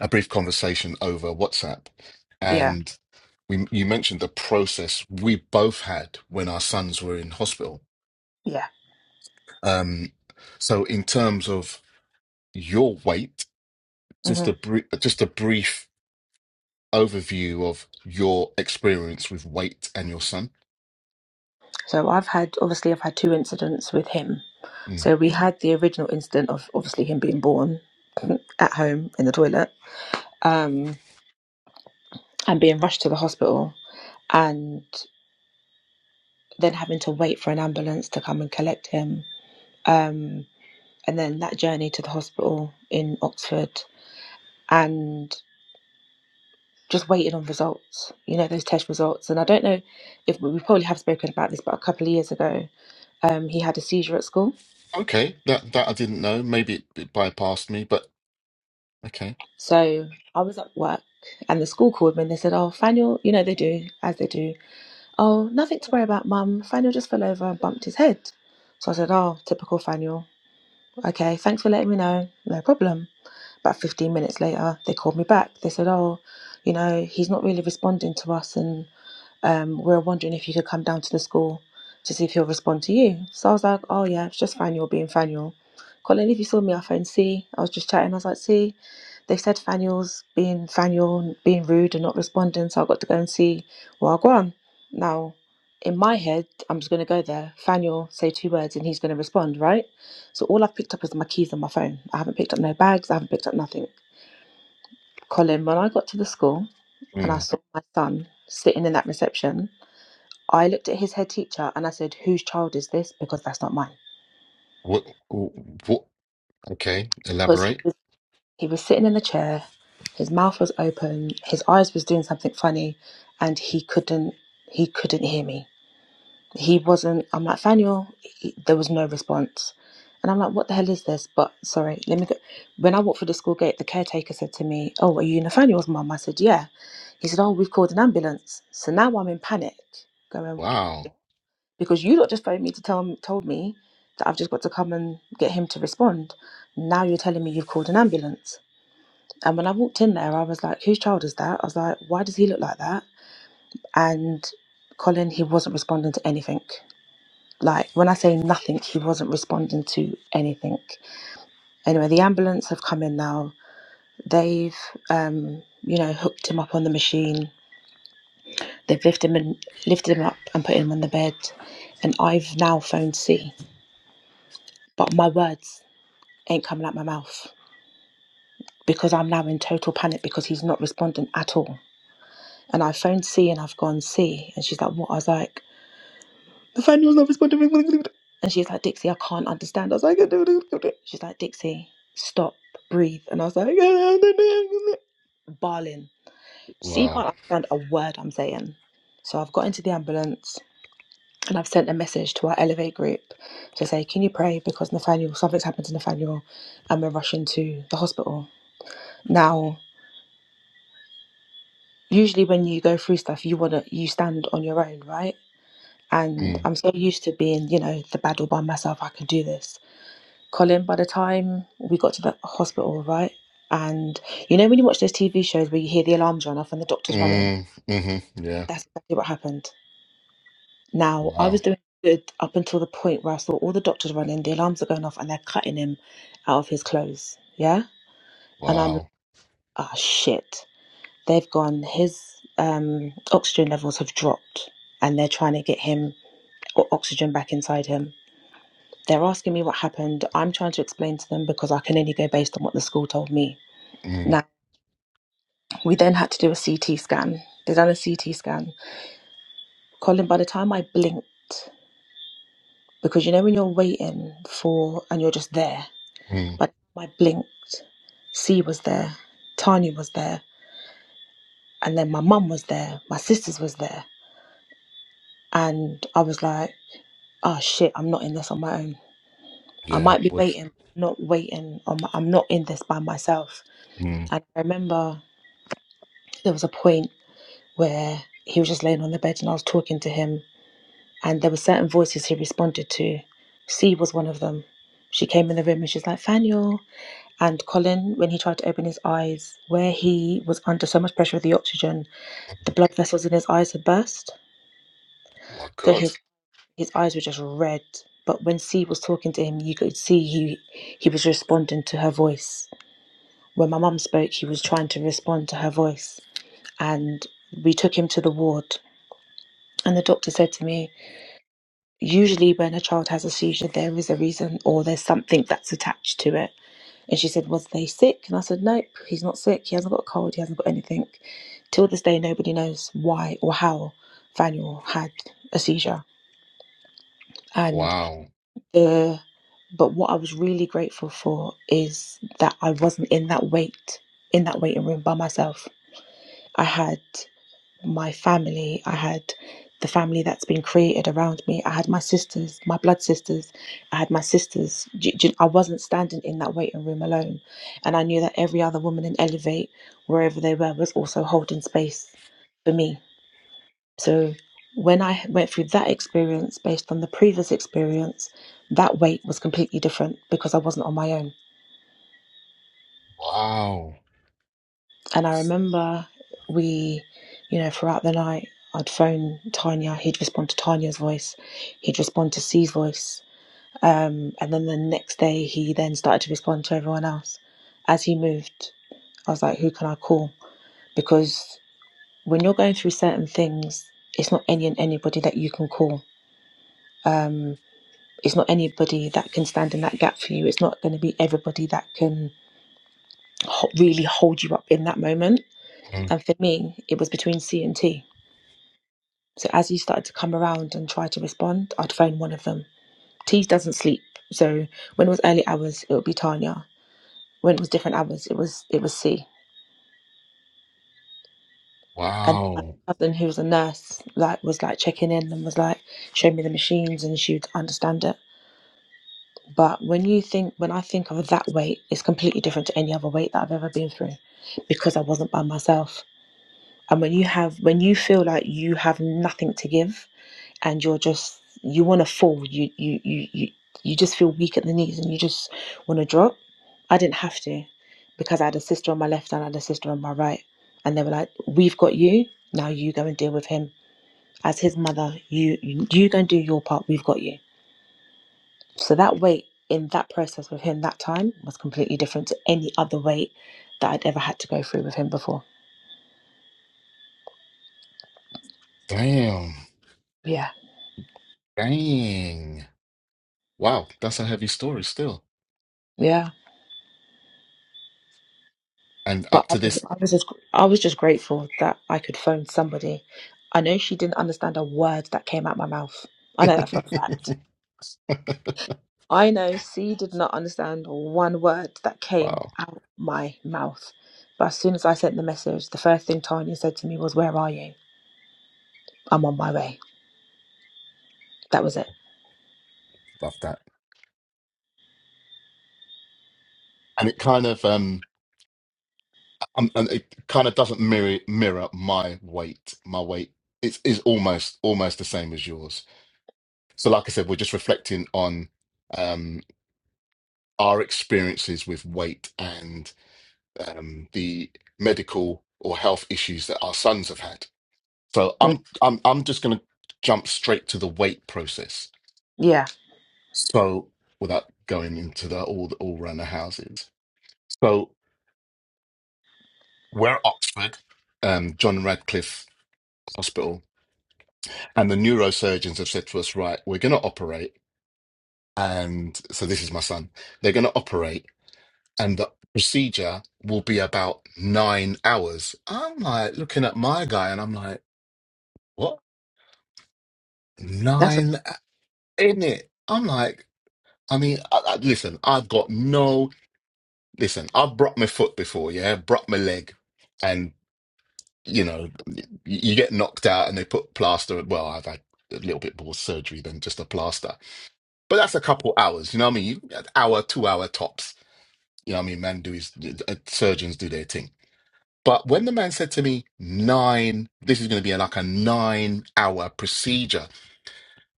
Speaker 1: a brief conversation over WhatsApp,
Speaker 3: yeah,
Speaker 1: and we you mentioned the process we both had when our sons were in hospital.
Speaker 3: yeah.
Speaker 1: Um, so in terms of your weight, just
Speaker 3: hmm
Speaker 1: a br- just a brief overview of your experience with weight and your son.
Speaker 3: So I've had, obviously, I've had two incidents with him.
Speaker 1: Mm.
Speaker 3: So we had the original incident of obviously him being born (laughs) (clears throat) at home in the toilet um, and being rushed to the hospital and then having to wait for an ambulance to come and collect him. Um, and then that journey to the hospital in Oxford and just waiting on results, you know, those test results. And I don't know if we probably have spoken about this, but a couple of years ago, um, he had a seizure at school.
Speaker 1: Okay, that that I didn't know. Maybe it, it bypassed me, but okay.
Speaker 3: So I was at work and the school called me and they said, Oh, Faniel, you know, they do, as they do, oh, nothing to worry about, mum. Faniel just fell over and bumped his head. So I said, Oh, typical Faniel. Okay, thanks for letting me know. No problem. About 15 minutes later, they called me back. They said, Oh, you know, he's not really responding to us, and um, we're wondering if you could come down to the school to see if he'll respond to you. So I was like, Oh, yeah, it's just Faniel being Faniel. Colin, if you saw me off phone, C. I was just chatting. I was like, See, they said Faniel's being Faniel, being rude and not responding, so I got to go and see Wagwan. Now, in my head, I'm just going to go there. Faniel, say two words, and he's going to respond, right? So all I've picked up is my keys and my phone. I haven't picked up no bags. I haven't picked up nothing. Colin, when I got to the school and I
Speaker 1: Mm.
Speaker 3: saw my son sitting in that reception, I looked at his head teacher and I said, "Whose child is this?" Because that's not mine.
Speaker 1: What what? Okay,
Speaker 3: Because he
Speaker 1: elaborate.
Speaker 3: was, he was sitting in the chair, his mouth was open, his eyes was doing something funny, and he couldn't he couldn't hear me. He wasn't. I'm like, Faniel, he- there was no response. And I'm like, what the hell is this? But sorry, let me go. When I walked through the school gate, the caretaker said to me, Oh, are you Nathaniel's mum? I said, Yeah. He said, Oh, we've called an ambulance. So now I'm in panic, going,
Speaker 1: Wow,
Speaker 3: Because you lot just phoned me to tell me, told me that I've just got to come and get him to respond. Now you're telling me you've called an ambulance. And when I walked in there, I was like, Whose child is that? I was like, Why does he look like that? And Colin, he wasn't responding to anything. Like when I say nothing, he wasn't responding to anything. Anyway, the ambulance have come in now. They've, um, you know, hooked him up on the machine. They've lifted him, in, lifted him up and put him on the bed. And I've now phoned C, but my words ain't coming out my mouth because I'm now in total panic because he's not responding at all. And I phoned C and I've gone C, and she's like, "What?" I was like, If I knew I was going to be. And she's like, Dixie, I can't understand. I was like, (laughs) she's like, Dixie, stop, breathe. And I was like, (laughs) barling. She
Speaker 1: wow.
Speaker 3: can't understand a word I'm saying. So I've got into the ambulance and I've sent a message to our Elevate group to say, can you pray because Nathaniel, something's happened to Nathaniel and we're rushing to the hospital. Now, usually when you go through stuff, you want to, you stand on your own, right? And
Speaker 1: Mm.
Speaker 3: I'm so used to being, you know, the battle by myself, I can do this. Colin, by the time we got to the hospital, right? And you know, when you watch those TV shows where you hear the alarms run off and the doctors run in,
Speaker 1: Mm, hmm Yeah.
Speaker 3: that's exactly what happened. Now, I
Speaker 1: Wow.
Speaker 3: was doing good up until the point where I saw all the doctors run in, the alarms are going off, and they're cutting him out of his clothes. Yeah. And I'm like,
Speaker 1: Wow.
Speaker 3: oh, shit. They've gone, his um, oxygen levels have dropped, and they're trying to get him o- oxygen back inside him. They're asking me what happened. I'm trying to explain to them because I can only go based on what the school told me.
Speaker 1: Mm,
Speaker 3: now. We then had to do a CT scan. They done a CT scan. Colin, by the time I blinked, because you know when you're waiting for and you're just there,
Speaker 1: mm,
Speaker 3: but I blinked, C was there, Tanya was there, and then my mum was there, my sisters was there, and I was like, oh shit, I'm not in this on my own. I
Speaker 1: yeah.
Speaker 3: might be
Speaker 1: Which,
Speaker 3: waiting, not waiting. On my, I'm not in this by myself.
Speaker 1: mm,
Speaker 3: And I remember there was a point where he was just laying on the bed and I was talking to him And there were certain voices he responded to. C was one of them. She came in the room and she's like, Faniel. And Colin, when he tried to open his eyes, where he was under so much pressure of the oxygen, the blood vessels in his eyes had burst.
Speaker 1: my
Speaker 3: So
Speaker 1: God.
Speaker 3: his, his eyes were just red. But when C was talking to him, you could see he, he was responding to her voice. When my mum spoke, he was trying to respond to her voice. And we took him to the ward. And the doctor said to me, usually when a child has a seizure there is a reason or there's something that's attached to it and she said was they sick and i said nope he's not sick he hasn't got a cold he hasn't got anything till this day nobody knows why or how faniel had a seizure and
Speaker 1: Wow.
Speaker 3: the but what i was really grateful for is that i wasn't in that wait in that waiting room by myself i had my family. I had the family that's been created around me. I had my sisters, my blood sisters. I had my sisters. J- j- I wasn't standing in that waiting room alone. And I knew that every other woman in Elevate, wherever they were, was also holding space for me. So when I went through that experience based on the previous experience, that weight was completely different because I wasn't on my own.
Speaker 1: Wow.
Speaker 3: And I remember we, you know, throughout the night, I'd phone Tanya. He'd respond to Tanya's voice. He'd respond to C's voice. Um, and then the next day, he then started to respond to everyone else. As he moved, I was like, who can I call? Because when you're going through certain things, it's not any and anybody that you can call. Um, it's not anybody that can stand in that gap for you. It's not going to be everybody that can ho- really hold you up in that moment.
Speaker 1: Mm,
Speaker 3: And for me, it was between C and T So as you started to come around and try to respond, I'd phone one of them. T doesn't sleep, so when it was early hours, it would be Tanya. When it was different hours, it was it was C. And my
Speaker 1: wow.
Speaker 3: cousin, who was a nurse, like was like checking in and was like showing me the machines, and she'd understand it. But when you think, when I think of that weight, it's completely different to any other weight that I've ever been through, because I wasn't by myself. And when you have, when you feel like you have nothing to give, and you're just you want to fall you you you you you just feel weak at the knees and you just want to drop i didn't have to because i had a sister on my left and i had a sister on my right and they were like we've got you now you go and deal with him as his mother you you, you go and do your part we've got you so that weight in that process with him that time was completely different to any other weight that i'd ever had to go through with him before
Speaker 1: Damn.
Speaker 3: yeah
Speaker 1: Dang. Wow. That's a heavy story still.
Speaker 3: yeah
Speaker 1: And
Speaker 3: But
Speaker 1: up
Speaker 3: I
Speaker 1: to
Speaker 3: was,
Speaker 1: this.
Speaker 3: I was just, I was just grateful that I could phone somebody. I know she didn't understand a word that came out my mouth. I
Speaker 1: (laughs)
Speaker 3: know that for a fact. I know C did not understand one word that came
Speaker 1: Wow.
Speaker 3: out my mouth. But as soon as I sent the message, the first thing Tanya said to me was, "Where are you? I'm on my way." That was it.
Speaker 1: Love that. And it kind of um um, and it kind of doesn't mirror mirror my weight. My weight It is is almost almost the same as yours. So like I said, we're just reflecting on um. our experiences with weight and um, the medical or health issues that our sons have had. So
Speaker 3: Mm,
Speaker 1: I'm I'm I'm just going to jump straight to the weight process.
Speaker 3: Yeah,
Speaker 1: So without going into the all the all around the houses. So we're at Oxford, um, John Radcliffe Hospital, and the neurosurgeons have said to us, right, we're going to operate, and so this is my son. They're going to operate and the procedure will be about nine hours. I'm like looking at my guy and I'm like, what?
Speaker 3: that's a-
Speaker 1: Nine in it. I'm like, I mean, I, I, listen, I've got no, listen, I've broke my foot before, yeah, broke my leg. And, you know, y- you get knocked out and they put plaster. Well, I've had a little bit more surgery than just a plaster, but that's a couple hours, you know what I mean? You, an hour, two hour tops. You know what I mean? Man, do his, uh, surgeons do their thing. But when the man said to me, nine, this is going to be like a nine hour procedure.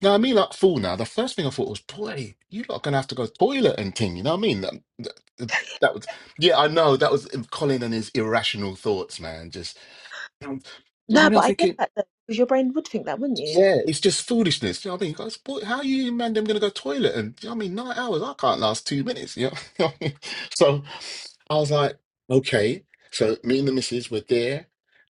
Speaker 1: Now, I mean, like, fool, now, the first thing I thought was, boy, you lot are going to have to go toilet and thing. You know what I mean? That, that, that was, yeah, I know. That was Colin and his irrational thoughts, man. Just, um, you know what I
Speaker 3: no,
Speaker 1: mean?
Speaker 3: but
Speaker 1: I'm
Speaker 3: I get
Speaker 1: thinking.
Speaker 3: that though, because your brain would think that, wouldn't you?
Speaker 1: Yeah, it's just foolishness. You know what I mean? Guys, boy, how you man them gonna go toilet and you know what I mean nine hours? I can't last two minutes. You know, (laughs) You know what I mean? So I was like, okay. So me and the missus were there,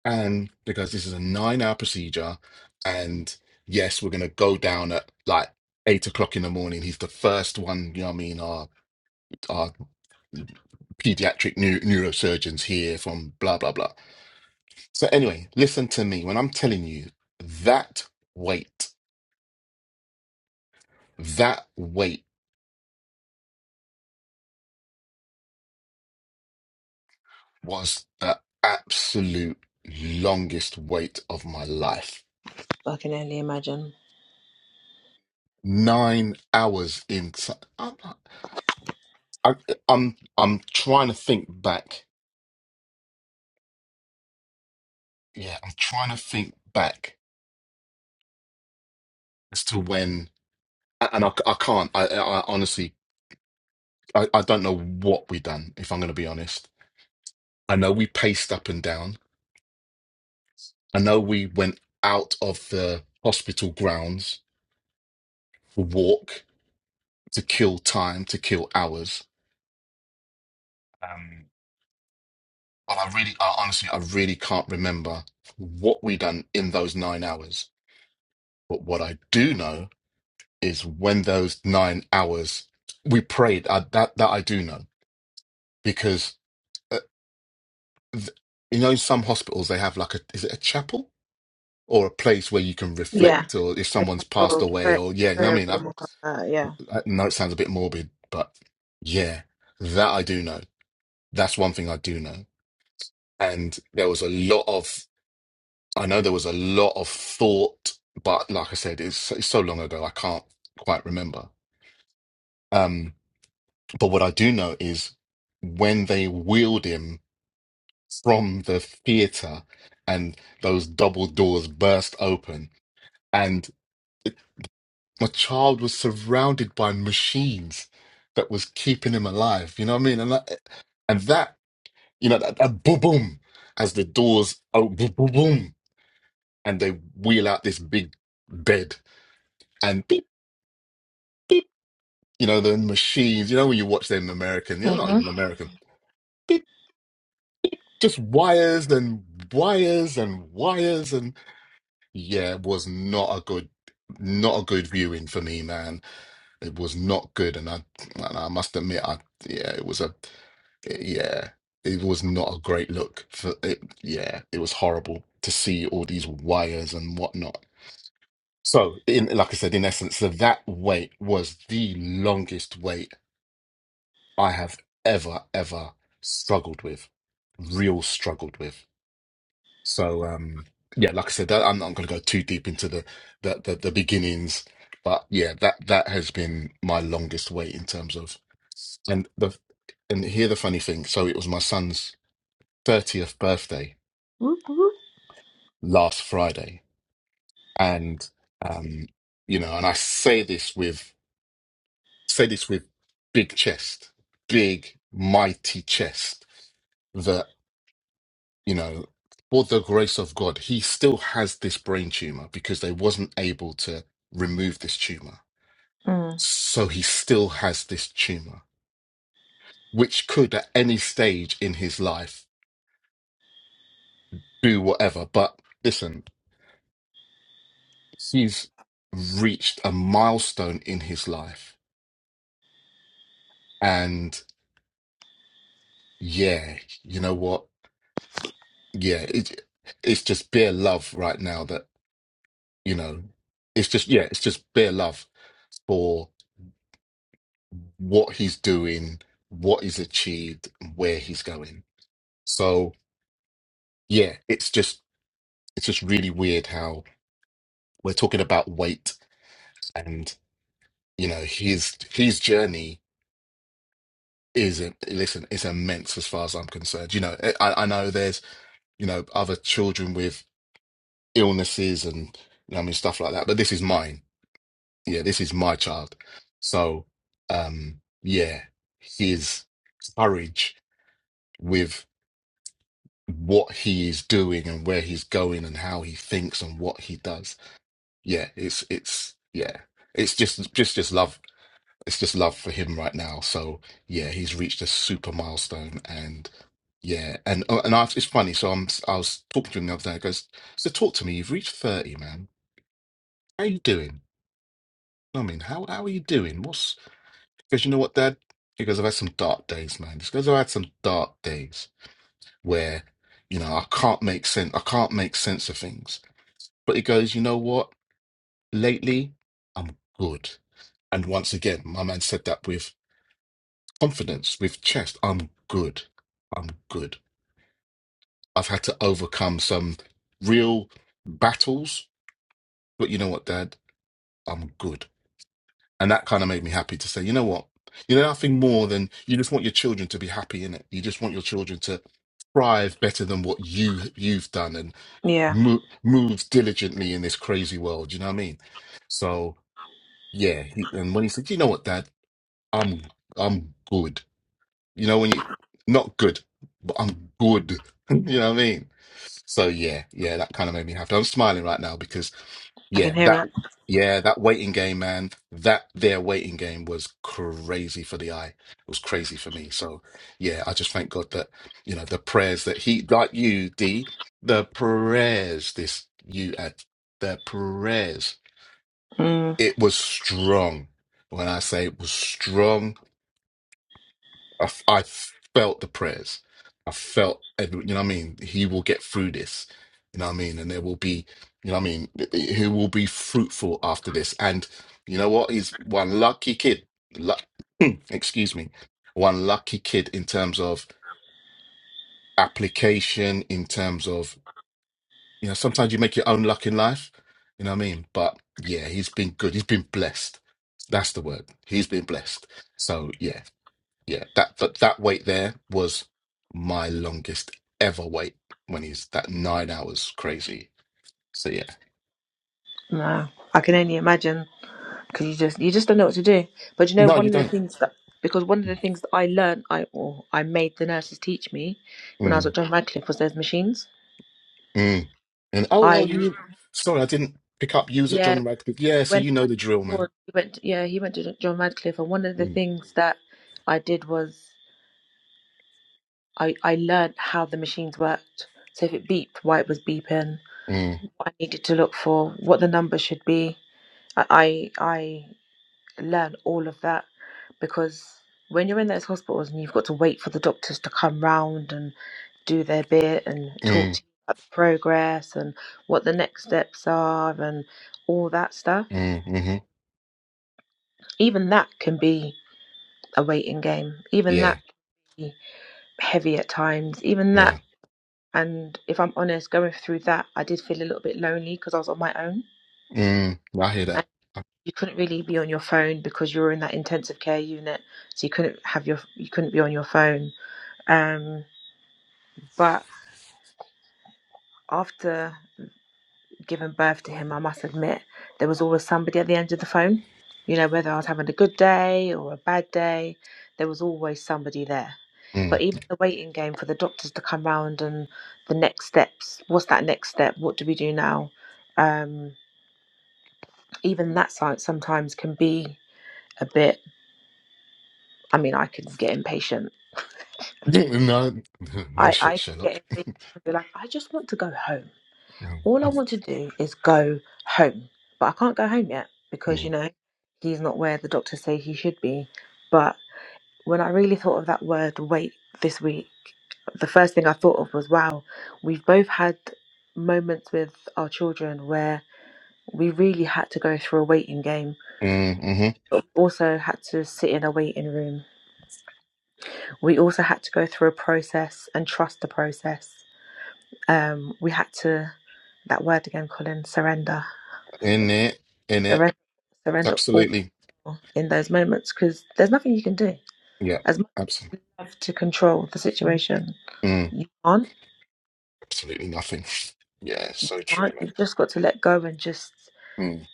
Speaker 1: and because this is a nine-hour procedure, and yes, we're gonna go down at like eight o'clock in the morning. He's the first one. You know what I mean? Our our pediatric neu- neurosurgeons here from blah blah blah. So anyway, listen to me when I'm telling you that weight. That wait was the absolute longest wait of my life.
Speaker 3: I can only imagine.
Speaker 1: Nine hours into I'm not- I, I'm I'm trying to think back. Yeah, I'm trying to think back as to when, and I, I can't. I, I honestly, I, I don't know what we done. If I'm going to be honest, I know we paced up and down. I know we went out of the hospital grounds to walk to kill time to kill hours. Um, And I really, I honestly, I really can't remember what we done in those nine hours. But what I do know is when those nine hours we prayed. Uh, that that I do know because uh, th- you know, in some hospitals they have like a is it a chapel or a place where you can
Speaker 3: Yeah.
Speaker 1: reflect, or if someone's passed
Speaker 3: Oh,
Speaker 1: away,
Speaker 3: prayer,
Speaker 1: or yeah, you know what
Speaker 3: prayer
Speaker 1: I mean. I,
Speaker 3: room, uh, yeah.
Speaker 1: I know it sounds a bit morbid, but yeah, that I do know. That's one thing I do know. And there was a lot of I know there was a lot of thought, but like I said, it's, it's so long ago, I can't quite remember. Um, but what I do know is when they wheeled him from the theater and those double doors burst open, and it- my child was surrounded by machines that was keeping him alive. You know what I mean? And that, and that you know, that, that boom, boom, as the doors, oh, boom, boom, boom, and they wheel out this big bed and beep. you know, the machines. You know, when you watch them American, you're not even American. Beep, Just wires and wires and wires and yeah, it was not a good, not a good viewing for me, man. It was not good, and I, and I must admit, I yeah, it was a yeah, it was not a great look for it. Yeah, it was horrible to see all these wires and whatnot. So, in like I said, in essence, so that wait was the longest wait I have ever, ever struggled with, real struggled with. So, um, yeah, like I said, that, I'm not going to go too deep into the, the the the beginnings, but yeah, that that has been my longest wait in terms of, and the and here the funny thing. So it was my son's thirtieth birthday
Speaker 3: Mm-hmm.
Speaker 1: last Friday, and um, you know, and I say this with say this with big chest, big mighty chest that you know, for the grace of God, he still has this brain tumor because they wasn't able to remove this tumor. So he still has this tumor, which could at any stage in his life do whatever. But listen, he's reached a milestone in his life. And yeah, you know what? Yeah, it, it's just bare love right now that, you know, it's just, yeah, it's just bare love for. what he's doing, what he's achieved, and where he's going. So yeah, it's just it's just really weird how we're talking about weight and you know his his journey is a- listen it's immense as far as I'm concerned. You know eh, I, I know there's you know other children with illnesses and you know, I mean stuff like that, but this is mine. Yeah, this is my child. So um yeah, his courage with what he is doing and where he's going and how he thinks and what he does. Yeah, it's it's yeah, it's just just just love. It's just love for him right now. So yeah, he's reached a super milestone, and yeah, and oh, and I, it's funny. So I'm I was talking to him the other day. I goes, so talk to me. You've reached thirty, man. How you doing? I mean, how how are you doing? What's because you know what, Dad? He goes, I've had some dark days, man. He goes, I've had some dark days. where you know I can't make sense. I can't make sense of things. But it goes, you know what? Lately, I'm good. And once again, my man said that with confidence, with chest. I'm good. I'm good. I've had to overcome some real battles, but you know what, Dad? I'm good. And that kind of made me happy to say, you know what? You know, nothing more than you just want your children to be happy in it. You just want your children to thrive better than what you you've done and.
Speaker 3: Yeah,
Speaker 1: mo- moves diligently in this crazy world. You know what I mean? So yeah, he, and when he said, "You know what, Dad? I'm I'm good." You know when you not good, but I'm good. (laughs) you know what I mean? So yeah, yeah, that kind of made me happy. I'm smiling right now because
Speaker 3: I can
Speaker 1: yeah, that
Speaker 3: hear it.
Speaker 1: yeah, that waiting game, man. That their waiting game was crazy for the eye. It was crazy for me. So yeah, I just thank God that you know the prayers that he like you, D, the prayers this you had, the prayers.
Speaker 3: Mm,
Speaker 1: It was strong. When I say it was strong, I, f- I felt the prayers. I felt, every, you know what I mean? He will get through this, you know what I mean? And there will be, you know what I mean? He will be fruitful after this. And you know what? He's one lucky kid. Luck, (clears throat) excuse me. One lucky kid in terms of application, in terms of, you know, sometimes you make your own luck in life, you know what I mean? But yeah, he's been good. He's been blessed. That's the word. He's been blessed. So yeah, yeah, that that that wait there was my longest ever wait when he's that nine hours crazy. So yeah,
Speaker 3: no, I can only imagine because you just you just don't know what to do. But you know,
Speaker 1: no,
Speaker 3: one
Speaker 1: you
Speaker 3: of the
Speaker 1: don't.
Speaker 3: things that because one of the things that I learned, I or I made the nurses teach me when I was
Speaker 1: Mm,
Speaker 3: at John Radcliffe was those machines.
Speaker 1: mm. And oh, oh,
Speaker 3: I
Speaker 1: you sorry, I didn't pick up yous at
Speaker 3: yeah,
Speaker 1: John Radcliffe. Yeah, so
Speaker 3: when
Speaker 1: you know
Speaker 3: I was
Speaker 1: the drill,
Speaker 3: born,
Speaker 1: man.
Speaker 3: he went to- yeah he went to John Radcliffe, and one of the
Speaker 1: Mm,
Speaker 3: things that I did was I I learned how the machines worked. So if it beeped, why it was beeping,
Speaker 1: mm,
Speaker 3: what I needed to look for, what the number should be. I I. I learn all of that because when you're in those hospitals and you've got to wait for the doctors to come round and do their bit and talk
Speaker 1: mm,
Speaker 3: to you about the progress and what the next steps are and all that stuff,
Speaker 1: mm, hmm
Speaker 3: even that can be a waiting game. Even that
Speaker 1: Yeah,
Speaker 3: can be heavy at times. Even that,
Speaker 1: yeah.
Speaker 3: and if I'm honest, going through that, I did feel a little bit lonely because I was on my own.
Speaker 1: Mm, I hear
Speaker 3: and
Speaker 1: that.
Speaker 3: You couldn't really be on your phone because you were in that intensive care unit, so you couldn't have your you couldn't be on your phone Um, but after giving birth to him, I must admit there was always somebody at the end of the phone. You know, whether I was having a good day or a bad day, there was always somebody there. But
Speaker 1: Mm. (laughs)
Speaker 3: even the waiting game for the doctors to come round and the next steps, what's that next step? What do we do now? Um, even that side sometimes can be a bit. I mean, I can get impatient.
Speaker 1: No, (laughs) no
Speaker 3: I I
Speaker 1: shit,
Speaker 3: can get
Speaker 1: Sherlock. (laughs)
Speaker 3: impatient and be like, I just want to go home.
Speaker 1: Mm,
Speaker 3: all I want to do is go home, but I can't go home yet because
Speaker 1: mm,
Speaker 3: you know he's not where the doctors say he should be. But when I really thought of that word wait this week, the first thing I thought of was wow, we've both had moments with our children where we really had to go through a waiting game.
Speaker 1: mm-hmm.
Speaker 3: but we Also, had to sit in a waiting room. We also had to go through a process and trust the process. Um, we had to, that word again, Colin, surrender.
Speaker 1: In it, in it,
Speaker 3: Surrender, surrender all.
Speaker 1: absolutely.
Speaker 3: in those moments because there's nothing you can do.
Speaker 1: Yeah,
Speaker 3: As much
Speaker 1: absolutely.
Speaker 3: as you have to control the situation,
Speaker 1: Mm,
Speaker 3: you can't.
Speaker 1: absolutely nothing. Yeah,
Speaker 3: You
Speaker 1: so true,
Speaker 3: can't.
Speaker 1: mate.
Speaker 3: You've just got to let go and just
Speaker 1: Mm,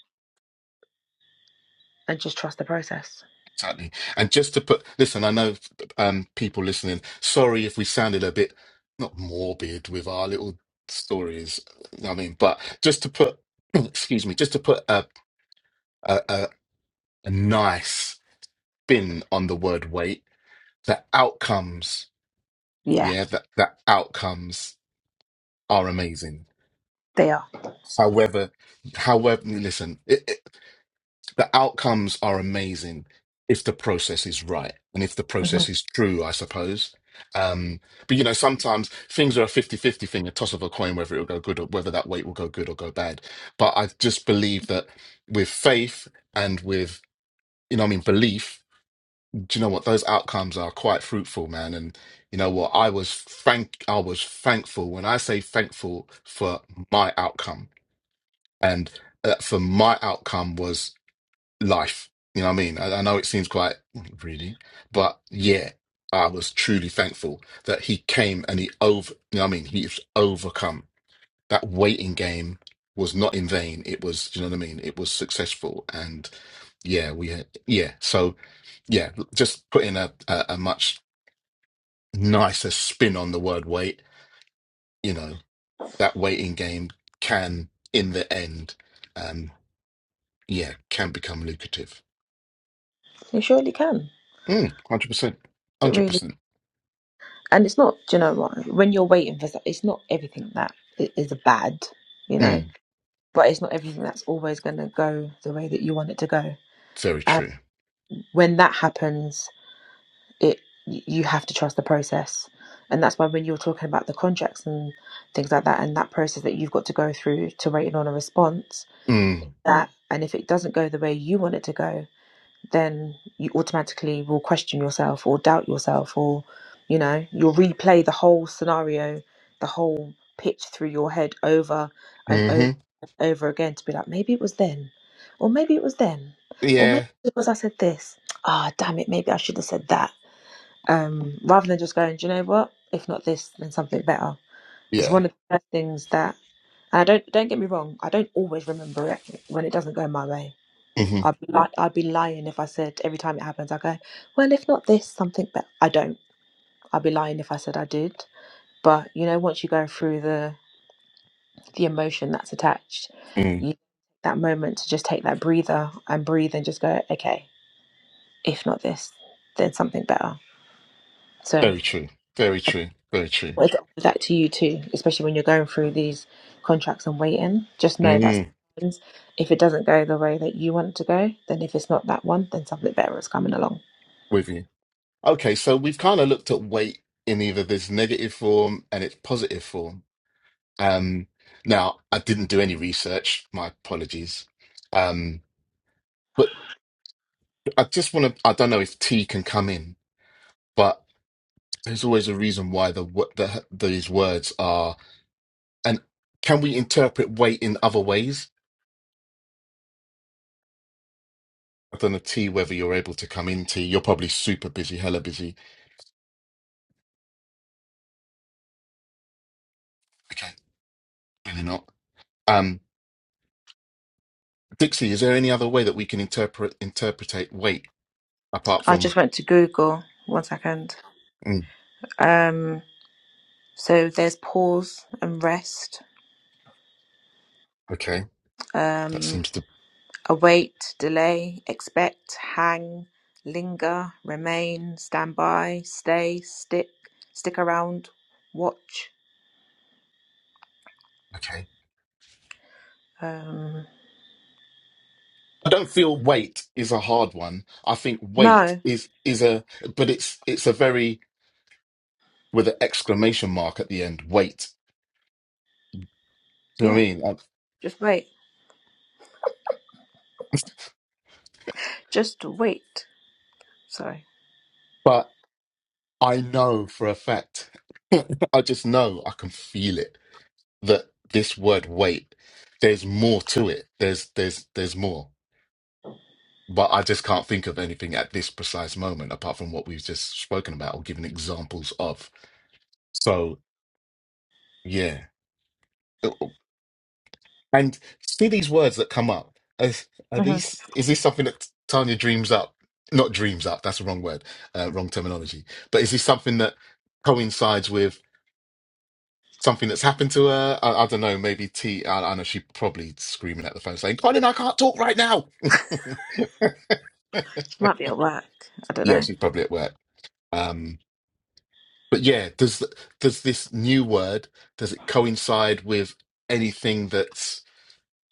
Speaker 3: and just trust the process.
Speaker 1: exactly. And just to put, listen, I know um, people listening, sorry if we sounded a bit not morbid with our little stories. You know what I mean, but just to put, (clears throat) excuse me, just to put a, a, a, a nice spin on the word wait, the outcomes,
Speaker 3: Yeah,
Speaker 1: yeah, that the the outcomes are amazing.
Speaker 3: they are.
Speaker 1: However, however, listen. the outcomes are amazing if the process is right and if the
Speaker 3: hmm
Speaker 1: process is true, I suppose. Um, but you know, sometimes things are a 5050 thing, a toss of a coin, whether it'll go good or whether that weight will go good or go bad. But I just believe that with faith and with, you know, what I mean, belief, do you know what? Those outcomes are quite fruitful, man. And you know what? I was thank, I was thankful when I say thankful for my outcome and uh, for my outcome was life. You know what I mean? I, I know it seems quite really, but yeah, I was truly thankful that he came and he over. You know what I mean? He's overcome that waiting game was not in vain. It was, you know what I mean? It was successful, and yeah, we had yeah. So yeah, just putting a a, a much nicer spin on the word wait. You know that waiting game can, in the end, um, yeah, can become lucrative.
Speaker 3: You surely can.
Speaker 1: Mm, Hundred percent,
Speaker 3: It
Speaker 1: hundred
Speaker 3: really
Speaker 1: percent.
Speaker 3: and it's not. Do you know what? When you're waiting for, so- it's not everything that i- is bad. You
Speaker 1: Mm.
Speaker 3: know, but it's not everything that's always going to go the way that you want it to go.
Speaker 1: Very
Speaker 3: And
Speaker 1: true.
Speaker 3: when that happens, it you have to trust the process and that's why when you're talking about the contracts and things like that and that process that you've got to go through to waiting on a response
Speaker 1: Mm.
Speaker 3: that and if it doesn't go the way you want it to go then you automatically will question yourself or doubt yourself or you know you'll replay the whole scenario the whole pitch through your head over and over
Speaker 1: hmm
Speaker 3: and over again to be like maybe it was then or maybe it was then or maybe
Speaker 1: Yeah.
Speaker 3: it was i said this ah damn it maybe i should have said that um, rather than just going, do you know what? If not this, then something better. It's
Speaker 1: Yeah.
Speaker 3: one of the first things that, and I don't don't get me wrong, I don't always remember it when it doesn't go my way.
Speaker 1: hmm
Speaker 3: I'd be li- I'd be lying if I said every time it happens I go, well, if not this, something better. I don't. I'd be lying if I said I did. But you know, once you go through the the emotion that's attached,
Speaker 1: Mm.
Speaker 3: you that moment to just take that breather and breathe and just go, okay, if not this, then something better. So.
Speaker 1: Very true. Very
Speaker 3: I
Speaker 1: true. Very true.
Speaker 3: Well, it's that to you too, especially when you're going through these contracts and waiting. Just know that
Speaker 1: Mm.
Speaker 3: sometimes if it doesn't go the way that you want it to go, then if it's not that one, then something better is coming along.
Speaker 1: With you. Okay, so we've kind of looked at weight in either this negative form and its positive form. Um, now, I didn't do any research. My apologies. Um, but I just want to. I don't know if T can come in, but there's always a reason why the, wo- the these words are. And can we interpret weight in other ways? I don't know T whether you're able to come in T. You're probably super busy, hella busy. Okay, really not. Um, Dixie, is there any other way that we can interpret interpretate weight apart
Speaker 3: I
Speaker 1: from
Speaker 3: just went to Google. One second.
Speaker 1: mm,
Speaker 3: Um, so there's pause and rest,
Speaker 1: okay? That
Speaker 3: um,
Speaker 1: seems to
Speaker 3: await, delay, expect, hang, linger, remain, stand by, stay, stick, stick around, watch.
Speaker 1: okay.
Speaker 3: Um,
Speaker 1: I don't feel weight is a hard one. I think weight
Speaker 3: no,
Speaker 1: is is a but it's it's a very with an exclamation mark at the end. Weight. Do you know what
Speaker 3: yeah,
Speaker 1: I mean? Um,
Speaker 3: just wait. Just wait. Sorry.
Speaker 1: (laughs) But I know for a fact. (laughs) I just know I can feel it that this word wait, there's more to it. There's there's there's more. But I just can't think of anything at this precise moment apart from what we've just spoken about or given examples of. So yeah. And see these words that come up. Are, are
Speaker 3: hmm
Speaker 1: these is this something that Tanya dreams up? Not dreams up, that's the wrong word, uh, wrong terminology. But is this something that coincides with something that's happened to her. I, I don't know. Maybe T. I, I know she's probably screaming at the phone saying, "Colin, I can't talk right now." (laughs)
Speaker 3: Might be at work. I don't
Speaker 1: yeah,
Speaker 3: know.
Speaker 1: she's probably at work. Um, but yeah, does does this new word does it coincide with anything that's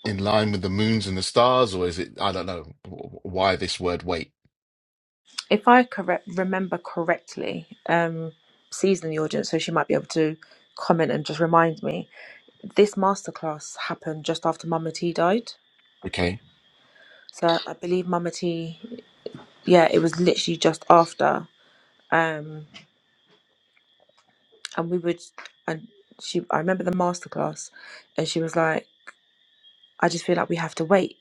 Speaker 1: in line with the moons and the stars, or is it? I don't know wh- why this word. Wait.
Speaker 3: If I correct remember correctly, um, C's in the audience, so she might be able to comment and just remind me. This masterclass happened just after Mama T died.
Speaker 1: Okay.
Speaker 3: So I believe Mama T, yeah, it was literally just after. Um, and we would, and she, I remember the masterclass, and she was like, "I just feel like we have to wait."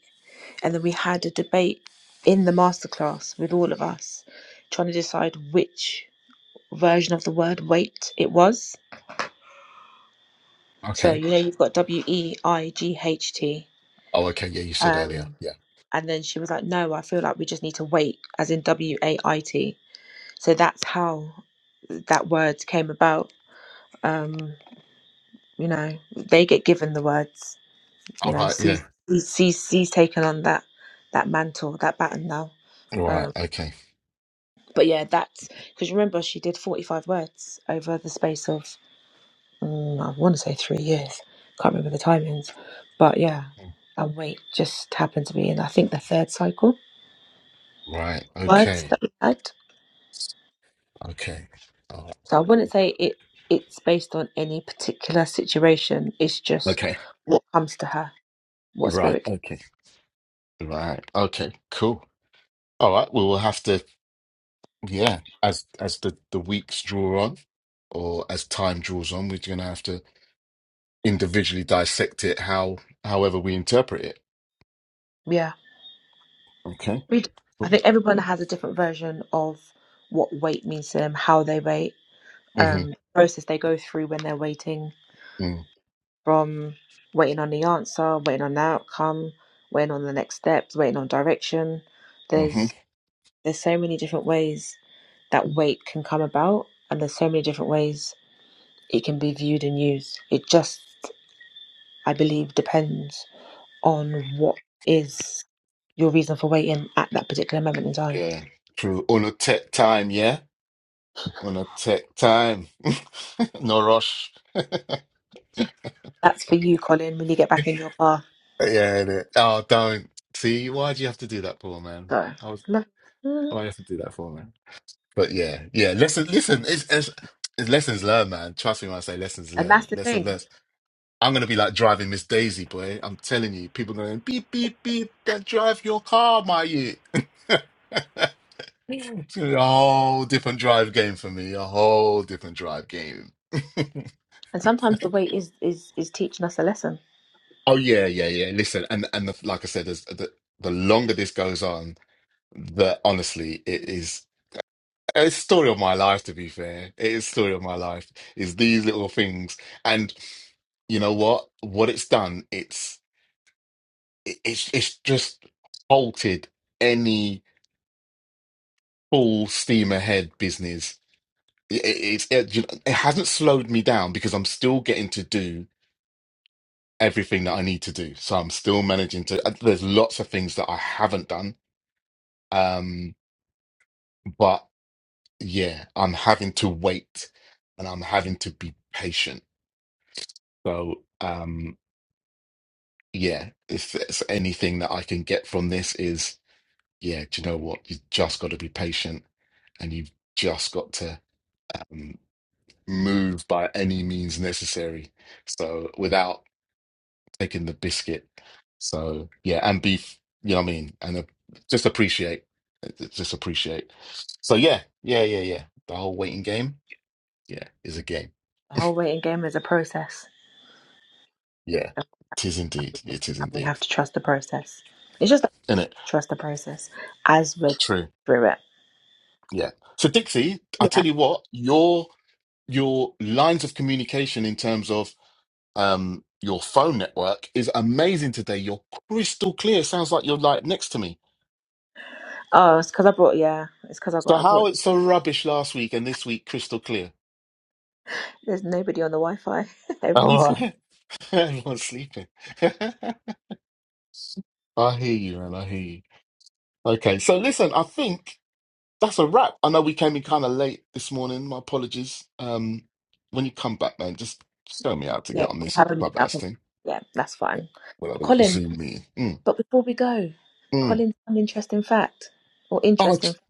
Speaker 3: and then we had a debate in the masterclass with all of us trying to decide which version of the word weight it was so
Speaker 1: Okay.
Speaker 3: you know you've got w e i g h t
Speaker 1: Oh, okay. Yeah, you said earlier.
Speaker 3: um
Speaker 1: Yeah.
Speaker 3: and then she was like no i feel like we just need to wait as in w a i t so that's how that word came about um you know they get given the words you
Speaker 1: All
Speaker 3: know
Speaker 1: right. Yeah.
Speaker 3: she's she's, C's taken on that that mantle that baton now
Speaker 1: All
Speaker 3: Um,
Speaker 1: right. Okay.
Speaker 3: But yeah, that's because remember she did 45 words over the space of mm, I want to say three years. Can't remember the timings, but yeah,
Speaker 1: Hmm,
Speaker 3: and weight just happened to be in I think the third cycle
Speaker 1: Right.
Speaker 3: words
Speaker 1: Okay.
Speaker 3: that we had.
Speaker 1: Okay. All right.
Speaker 3: So I wouldn't
Speaker 1: Cool.
Speaker 3: say it it's based on any particular situation. It's just
Speaker 1: Okay.
Speaker 3: what comes to her, what
Speaker 1: Right.
Speaker 3: spirit. can-
Speaker 1: Okay. Right. Okay. Cool. All right. We will have to, yeah, as as the the weeks draw on, or as time draws on, we're gonna have to individually dissect it how however we interpret it.
Speaker 3: Yeah,
Speaker 1: Okay.
Speaker 3: we. Do. I
Speaker 1: Cool.
Speaker 3: think everyone has a different version of what weight means to them, how they wait, um,
Speaker 1: Mm-hmm.
Speaker 3: process they go through when they're waiting from waiting on the answer, waiting on the outcome, waiting on the next steps, waiting on direction.
Speaker 1: Mm-hmm.
Speaker 3: There's there's so many different ways that wait can come about and there's so many different ways it can be viewed and used. It just I believe depends on what is your reason for waiting at that particular moment in time.
Speaker 1: Yeah. True. On a tech time, yeah. On a tech time. (laughs) No rush. (laughs)
Speaker 3: That's for you, Colin, when you get back in your car.
Speaker 1: Yeah. innit? Oh, don't. See, why do you have to do that for, man?
Speaker 3: So
Speaker 1: I was.
Speaker 3: look (laughs)
Speaker 1: Why do
Speaker 3: and
Speaker 1: you have to do that for, man? But yeah, yeah. Listen, listen. It's, it's, it's lessons learned, man. Trust me when I say lessons
Speaker 3: that's
Speaker 1: learned.
Speaker 3: the
Speaker 1: Lessons
Speaker 3: thing.
Speaker 1: learned. I'm gonna be like driving Miss Daisy, boy. I'm telling you, people going beep beep beep. That drive your car, my you. (laughs) It's gonna be a whole different drive game for me. A whole different drive game. (laughs)
Speaker 3: And sometimes the wait is is is teaching us a lesson.
Speaker 1: Oh yeah, yeah, yeah. Listen, and and the, like I said, there's, the the longer this goes on, the honestly, it is a story of my life. To be fair, it is story of my life. Is these little things, and. you know what what it's done it's it- it's it's just halted any full steam ahead business it, it- it's it, you know, it hasn't slowed me down because I'm still getting to do everything that I need to do so I'm still managing to uh, there's lots of things that I haven't done um but yeah I'm having to wait and I'm having to be patient so um yeah if there's anything that I can get from this is yeah, do you know what? You've just got to be patient and you've just got to um, move by any means necessary. So without taking the biscuit. So yeah, and beef, you know what I mean? And uh, just appreciate, uh, just appreciate. So yeah, yeah, yeah, yeah. The whole waiting game, yeah, is a game.
Speaker 3: The whole waiting game is a process
Speaker 1: Yeah, it is indeed. It is
Speaker 3: and we have
Speaker 1: indeed.
Speaker 3: to trust the process. It's just that
Speaker 1: Isn't it?
Speaker 3: we trust the process as we're
Speaker 1: True.
Speaker 3: through it.
Speaker 1: Yeah. So Dixie, I
Speaker 3: Yeah.
Speaker 1: tell you what, your your lines of communication in terms of um your phone network is amazing today. You're crystal clear. sounds like you're like next to me.
Speaker 3: Oh, it's because I brought yeah, it's because I
Speaker 1: So
Speaker 3: got I
Speaker 1: how
Speaker 3: bought.
Speaker 1: it's so rubbish last week and this week crystal clear.
Speaker 3: There's nobody on the Wi-Fi. (laughs) Everyone's
Speaker 1: All
Speaker 3: sleeping.
Speaker 1: right. (laughs) Everyone's sleeping. (laughs) I hear you, man. I hear you. Okay, so listen, I think that's a wrap. I know we came in kind of late this morning. My apologies. Um, when you come back, man, just show me how to
Speaker 3: Yeah,
Speaker 1: get on
Speaker 3: we'll
Speaker 1: this
Speaker 3: have a meet up.
Speaker 1: clubhouse
Speaker 3: And,
Speaker 1: thing.
Speaker 3: yeah, that's
Speaker 1: Yeah,
Speaker 3: fine.
Speaker 1: we'll have a little
Speaker 3: Colin,
Speaker 1: Zoom meeting. Mm,
Speaker 3: but before we go,
Speaker 1: mm.
Speaker 3: Colin's an interesting fact or
Speaker 1: Oh,
Speaker 3: interesting.
Speaker 1: t-
Speaker 3: fact.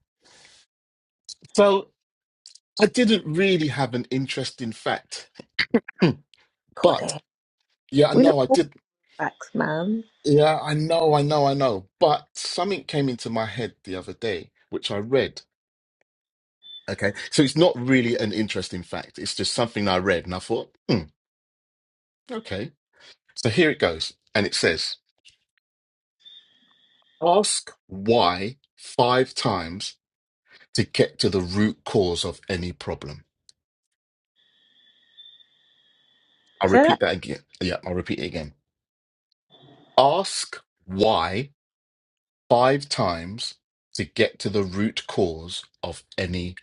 Speaker 1: so I didn't really have an interesting fact (clears throat) But
Speaker 3: Colin,
Speaker 1: yeah, I
Speaker 3: we look
Speaker 1: know I
Speaker 3: forward
Speaker 1: did.
Speaker 3: to facts, man.
Speaker 1: Yeah, I know, I know, I know. But something came into my head the other day, which I read. Okay. So it's not really an interesting fact. It's just something I read and I thought, hmm, okay. So here it goes. And it says, ask why five times to get to the root cause of any problem. I'll
Speaker 3: Say that.
Speaker 1: repeat that again. Yeah, I'll repeat it again. Ask why five times to get to the root cause of any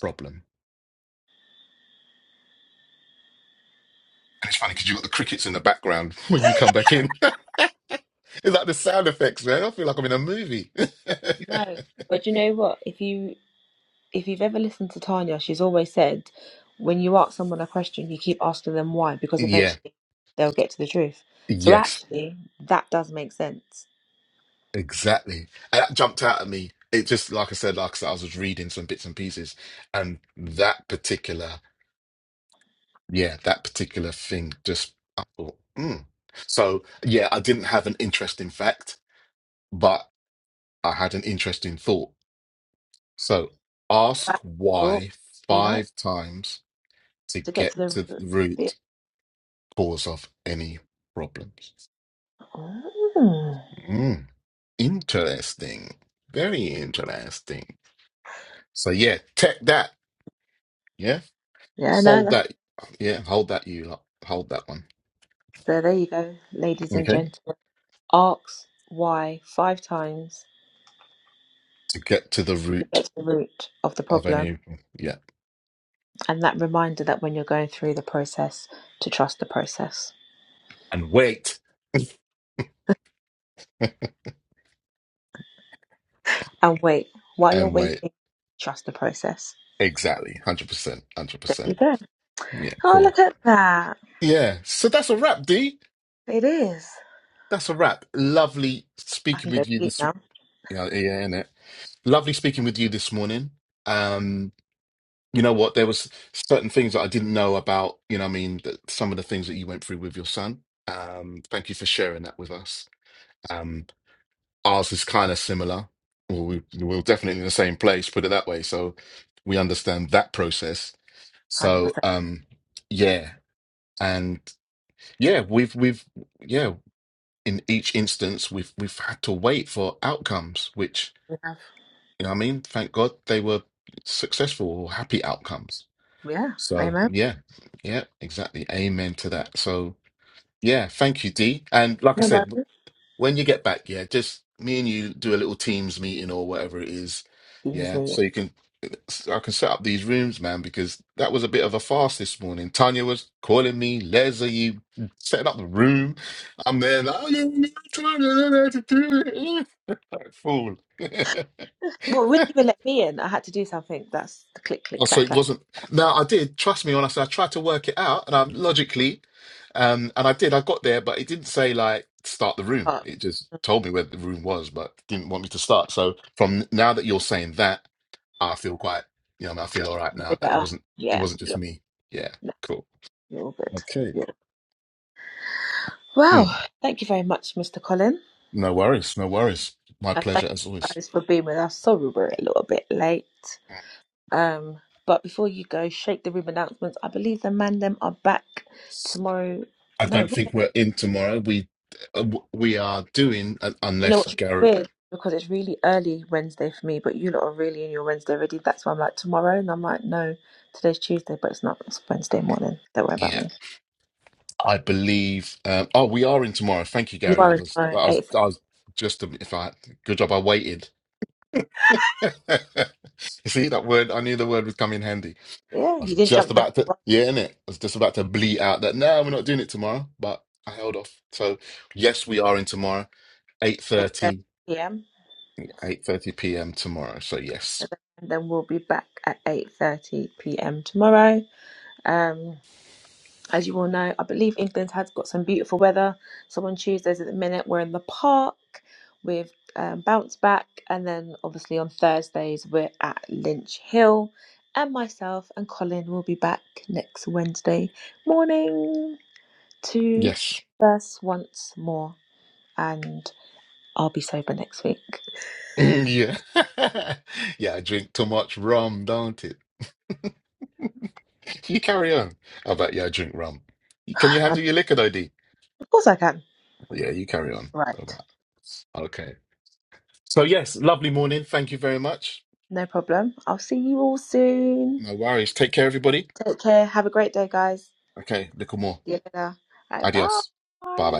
Speaker 1: problem. And it's funny because you've got the crickets in the background (laughs) when you come back in. (laughs) it's like the sound effects, man. I feel like I'm in a movie.
Speaker 3: No, but you know what? If you if you've ever listened to Tanya, she's always said, when you ask someone a question, you keep asking them why,
Speaker 1: (laughs)
Speaker 3: because
Speaker 1: yeah.
Speaker 3: eventually they'll get to the truth. So
Speaker 1: Yes.
Speaker 3: actually, that does make sense.
Speaker 1: Exactly. And that jumped out at me. It just, like I said, like I said, I was just reading some bits and pieces, and that particular, yeah, that particular thing just, I thought, mm. So, yeah, I didn't have an interesting fact, but I had an interesting thought. So, ask
Speaker 3: Fact, thought,
Speaker 1: why
Speaker 3: we like
Speaker 1: five times to
Speaker 3: to get to
Speaker 1: get
Speaker 3: the
Speaker 1: to the
Speaker 3: root. Yeah,
Speaker 1: root cause of any problems.
Speaker 3: Mm.
Speaker 1: Mm, interesting. Very interesting. So yeah, take that. Yeah.
Speaker 3: Yeah, no,
Speaker 1: Hold
Speaker 3: that's,
Speaker 1: that. Yeah, hold that you lot. Hold that one.
Speaker 3: so there you go, ladies and
Speaker 1: Okay.
Speaker 3: gentlemen. Ask why five times
Speaker 1: To get to the
Speaker 3: to get
Speaker 1: root
Speaker 3: to the root of the
Speaker 1: of
Speaker 3: problem,
Speaker 1: any yeah.
Speaker 3: and that reminder that when you're going through the process, to trust the process
Speaker 1: And wait.
Speaker 3: and wait. While you're
Speaker 1: And wait.
Speaker 3: waiting, trust the process.
Speaker 1: Exactly. one Hundred percent. one Hundred
Speaker 3: There
Speaker 1: percent.
Speaker 3: you go.
Speaker 1: Yeah,
Speaker 3: Oh,
Speaker 1: cool.
Speaker 3: look at that.
Speaker 1: Yeah. So that's a wrap, D.
Speaker 3: It is.
Speaker 1: That's a wrap. Lovely
Speaker 3: I
Speaker 1: speaking
Speaker 3: can go
Speaker 1: with
Speaker 3: to
Speaker 1: you
Speaker 3: sleep
Speaker 1: this
Speaker 3: now.
Speaker 1: yeah, yeah, innit. Lovely speaking with you this morning. Um you know what there was certain things that i didn't know about you know what i mean that some of the things that you went through with your son um thank you for sharing that with us um ours is kind of similar well, we, we're definitely in the same place put it that way so we understand that process
Speaker 3: 100%.
Speaker 1: so um yeah and yeah we've we've yeah in each instance we've we've had to wait for outcomes which
Speaker 3: We have.
Speaker 1: you know what i mean thank god they were successful or happy outcomes
Speaker 3: Yeah,
Speaker 1: So
Speaker 3: amen.
Speaker 1: yeah, yeah, exactly. Amen to that. So yeah, thank you, D. And like I
Speaker 3: No worries.
Speaker 1: said, when you get back, yeah, just me and you do a little Teams meeting or whatever it is.
Speaker 3: Excuse
Speaker 1: Yeah,
Speaker 3: me.
Speaker 1: so you can so I can set up these rooms, man, because that was a bit of a farce this morning. Tanya was calling me, Les, are you setting up the room? I'm there, like, oh, yeah, yeah, Tanya, I know how to do it. (laughs) Like, Fool.
Speaker 3: Well, it
Speaker 1: (laughs)
Speaker 3: wouldn't even let me in. I had to do something. That's the click, click,
Speaker 1: Oh, so
Speaker 3: clack,
Speaker 1: it
Speaker 3: clack.
Speaker 1: wasn't. No, I did. Trust me when I said I tried to work it out, and I am logically, um, and I did. I got there, but it didn't say like start the room.
Speaker 3: Oh,
Speaker 1: It just told me where the room was, but didn't want me to start. So from now that you're saying that, I feel quite. You know, I feel all right
Speaker 3: you're
Speaker 1: now that it
Speaker 3: better.
Speaker 1: wasn't. It
Speaker 3: Yeah,
Speaker 1: wasn't just
Speaker 3: you're,
Speaker 1: me. Yeah,
Speaker 3: no,
Speaker 1: cool.
Speaker 3: you're all good.
Speaker 1: Okay.
Speaker 3: Yeah.
Speaker 1: Mm,
Speaker 3: Wow. thank you very much, Mr. Colin.
Speaker 1: no worries. No worries. My
Speaker 3: And thank
Speaker 1: pleasure as
Speaker 3: you
Speaker 1: always.
Speaker 3: guys for being with us. Sorry we're a little bit late. Um, but before you go, shake the room announcements. I believe the man them are back tomorrow.
Speaker 1: I
Speaker 3: No,
Speaker 1: don't think we're in tomorrow. We uh, w- we are doing uh,
Speaker 3: You know
Speaker 1: unless
Speaker 3: what's
Speaker 1: Garrett.
Speaker 3: weird? Because it's really early Wednesday for me, but you lot are really in your Wednesday already. That's why I'm like tomorrow, and I'm like, no, today's Tuesday, but it's not. It's Wednesday morning. Don't worry
Speaker 1: yeah,
Speaker 3: about me.
Speaker 1: I believe. Um, oh, we are in tomorrow. Thank you,
Speaker 3: You
Speaker 1: Gary. I
Speaker 3: are in
Speaker 1: was,
Speaker 3: tomorrow
Speaker 1: I was,
Speaker 3: eight.
Speaker 1: I was just um, if I good job I waited. (laughs) You See that word? I knew the word would come in handy.
Speaker 3: Yeah,
Speaker 1: I was
Speaker 3: you didn't
Speaker 1: just
Speaker 3: jump the
Speaker 1: about to,
Speaker 3: gun
Speaker 1: yeah, innit? I was just about to bleat out that no, we're not doing it tomorrow, but I held off. So yes, we are in tomorrow,
Speaker 3: at eight
Speaker 1: 8.30,
Speaker 3: p.m.
Speaker 1: 8.30 p.m. tomorrow. So yes,
Speaker 3: And then we'll be back at eight thirty p.m. tomorrow. Um, As you all know, I believe England has got some beautiful weather. So on Tuesdays at the minute, we're in the park with um, Bounce Back. And then obviously on Thursdays, we're at Lynch Hill. And myself and Colin will be back next Wednesday morning to
Speaker 1: yes,
Speaker 3: us once more. And I'll be sober next week.
Speaker 1: (clears throat) yeah, (laughs) yeah. I drink too much rum, don't it? (laughs) You carry on. I bet yeah, I drink rum. Can you handle your liquor, though, D?
Speaker 3: (sighs) of course I can.
Speaker 1: Yeah, you carry on.
Speaker 3: Right.
Speaker 1: All right. Okay. So yes, lovely morning. Thank you very much.
Speaker 3: No problem. I'll see you all soon.
Speaker 1: No worries. Take care, everybody.
Speaker 3: Take care. Have a great day, guys.
Speaker 1: Okay, little more.
Speaker 3: Yeah. I
Speaker 1: Adios. Bye
Speaker 3: bye.
Speaker 1: bye.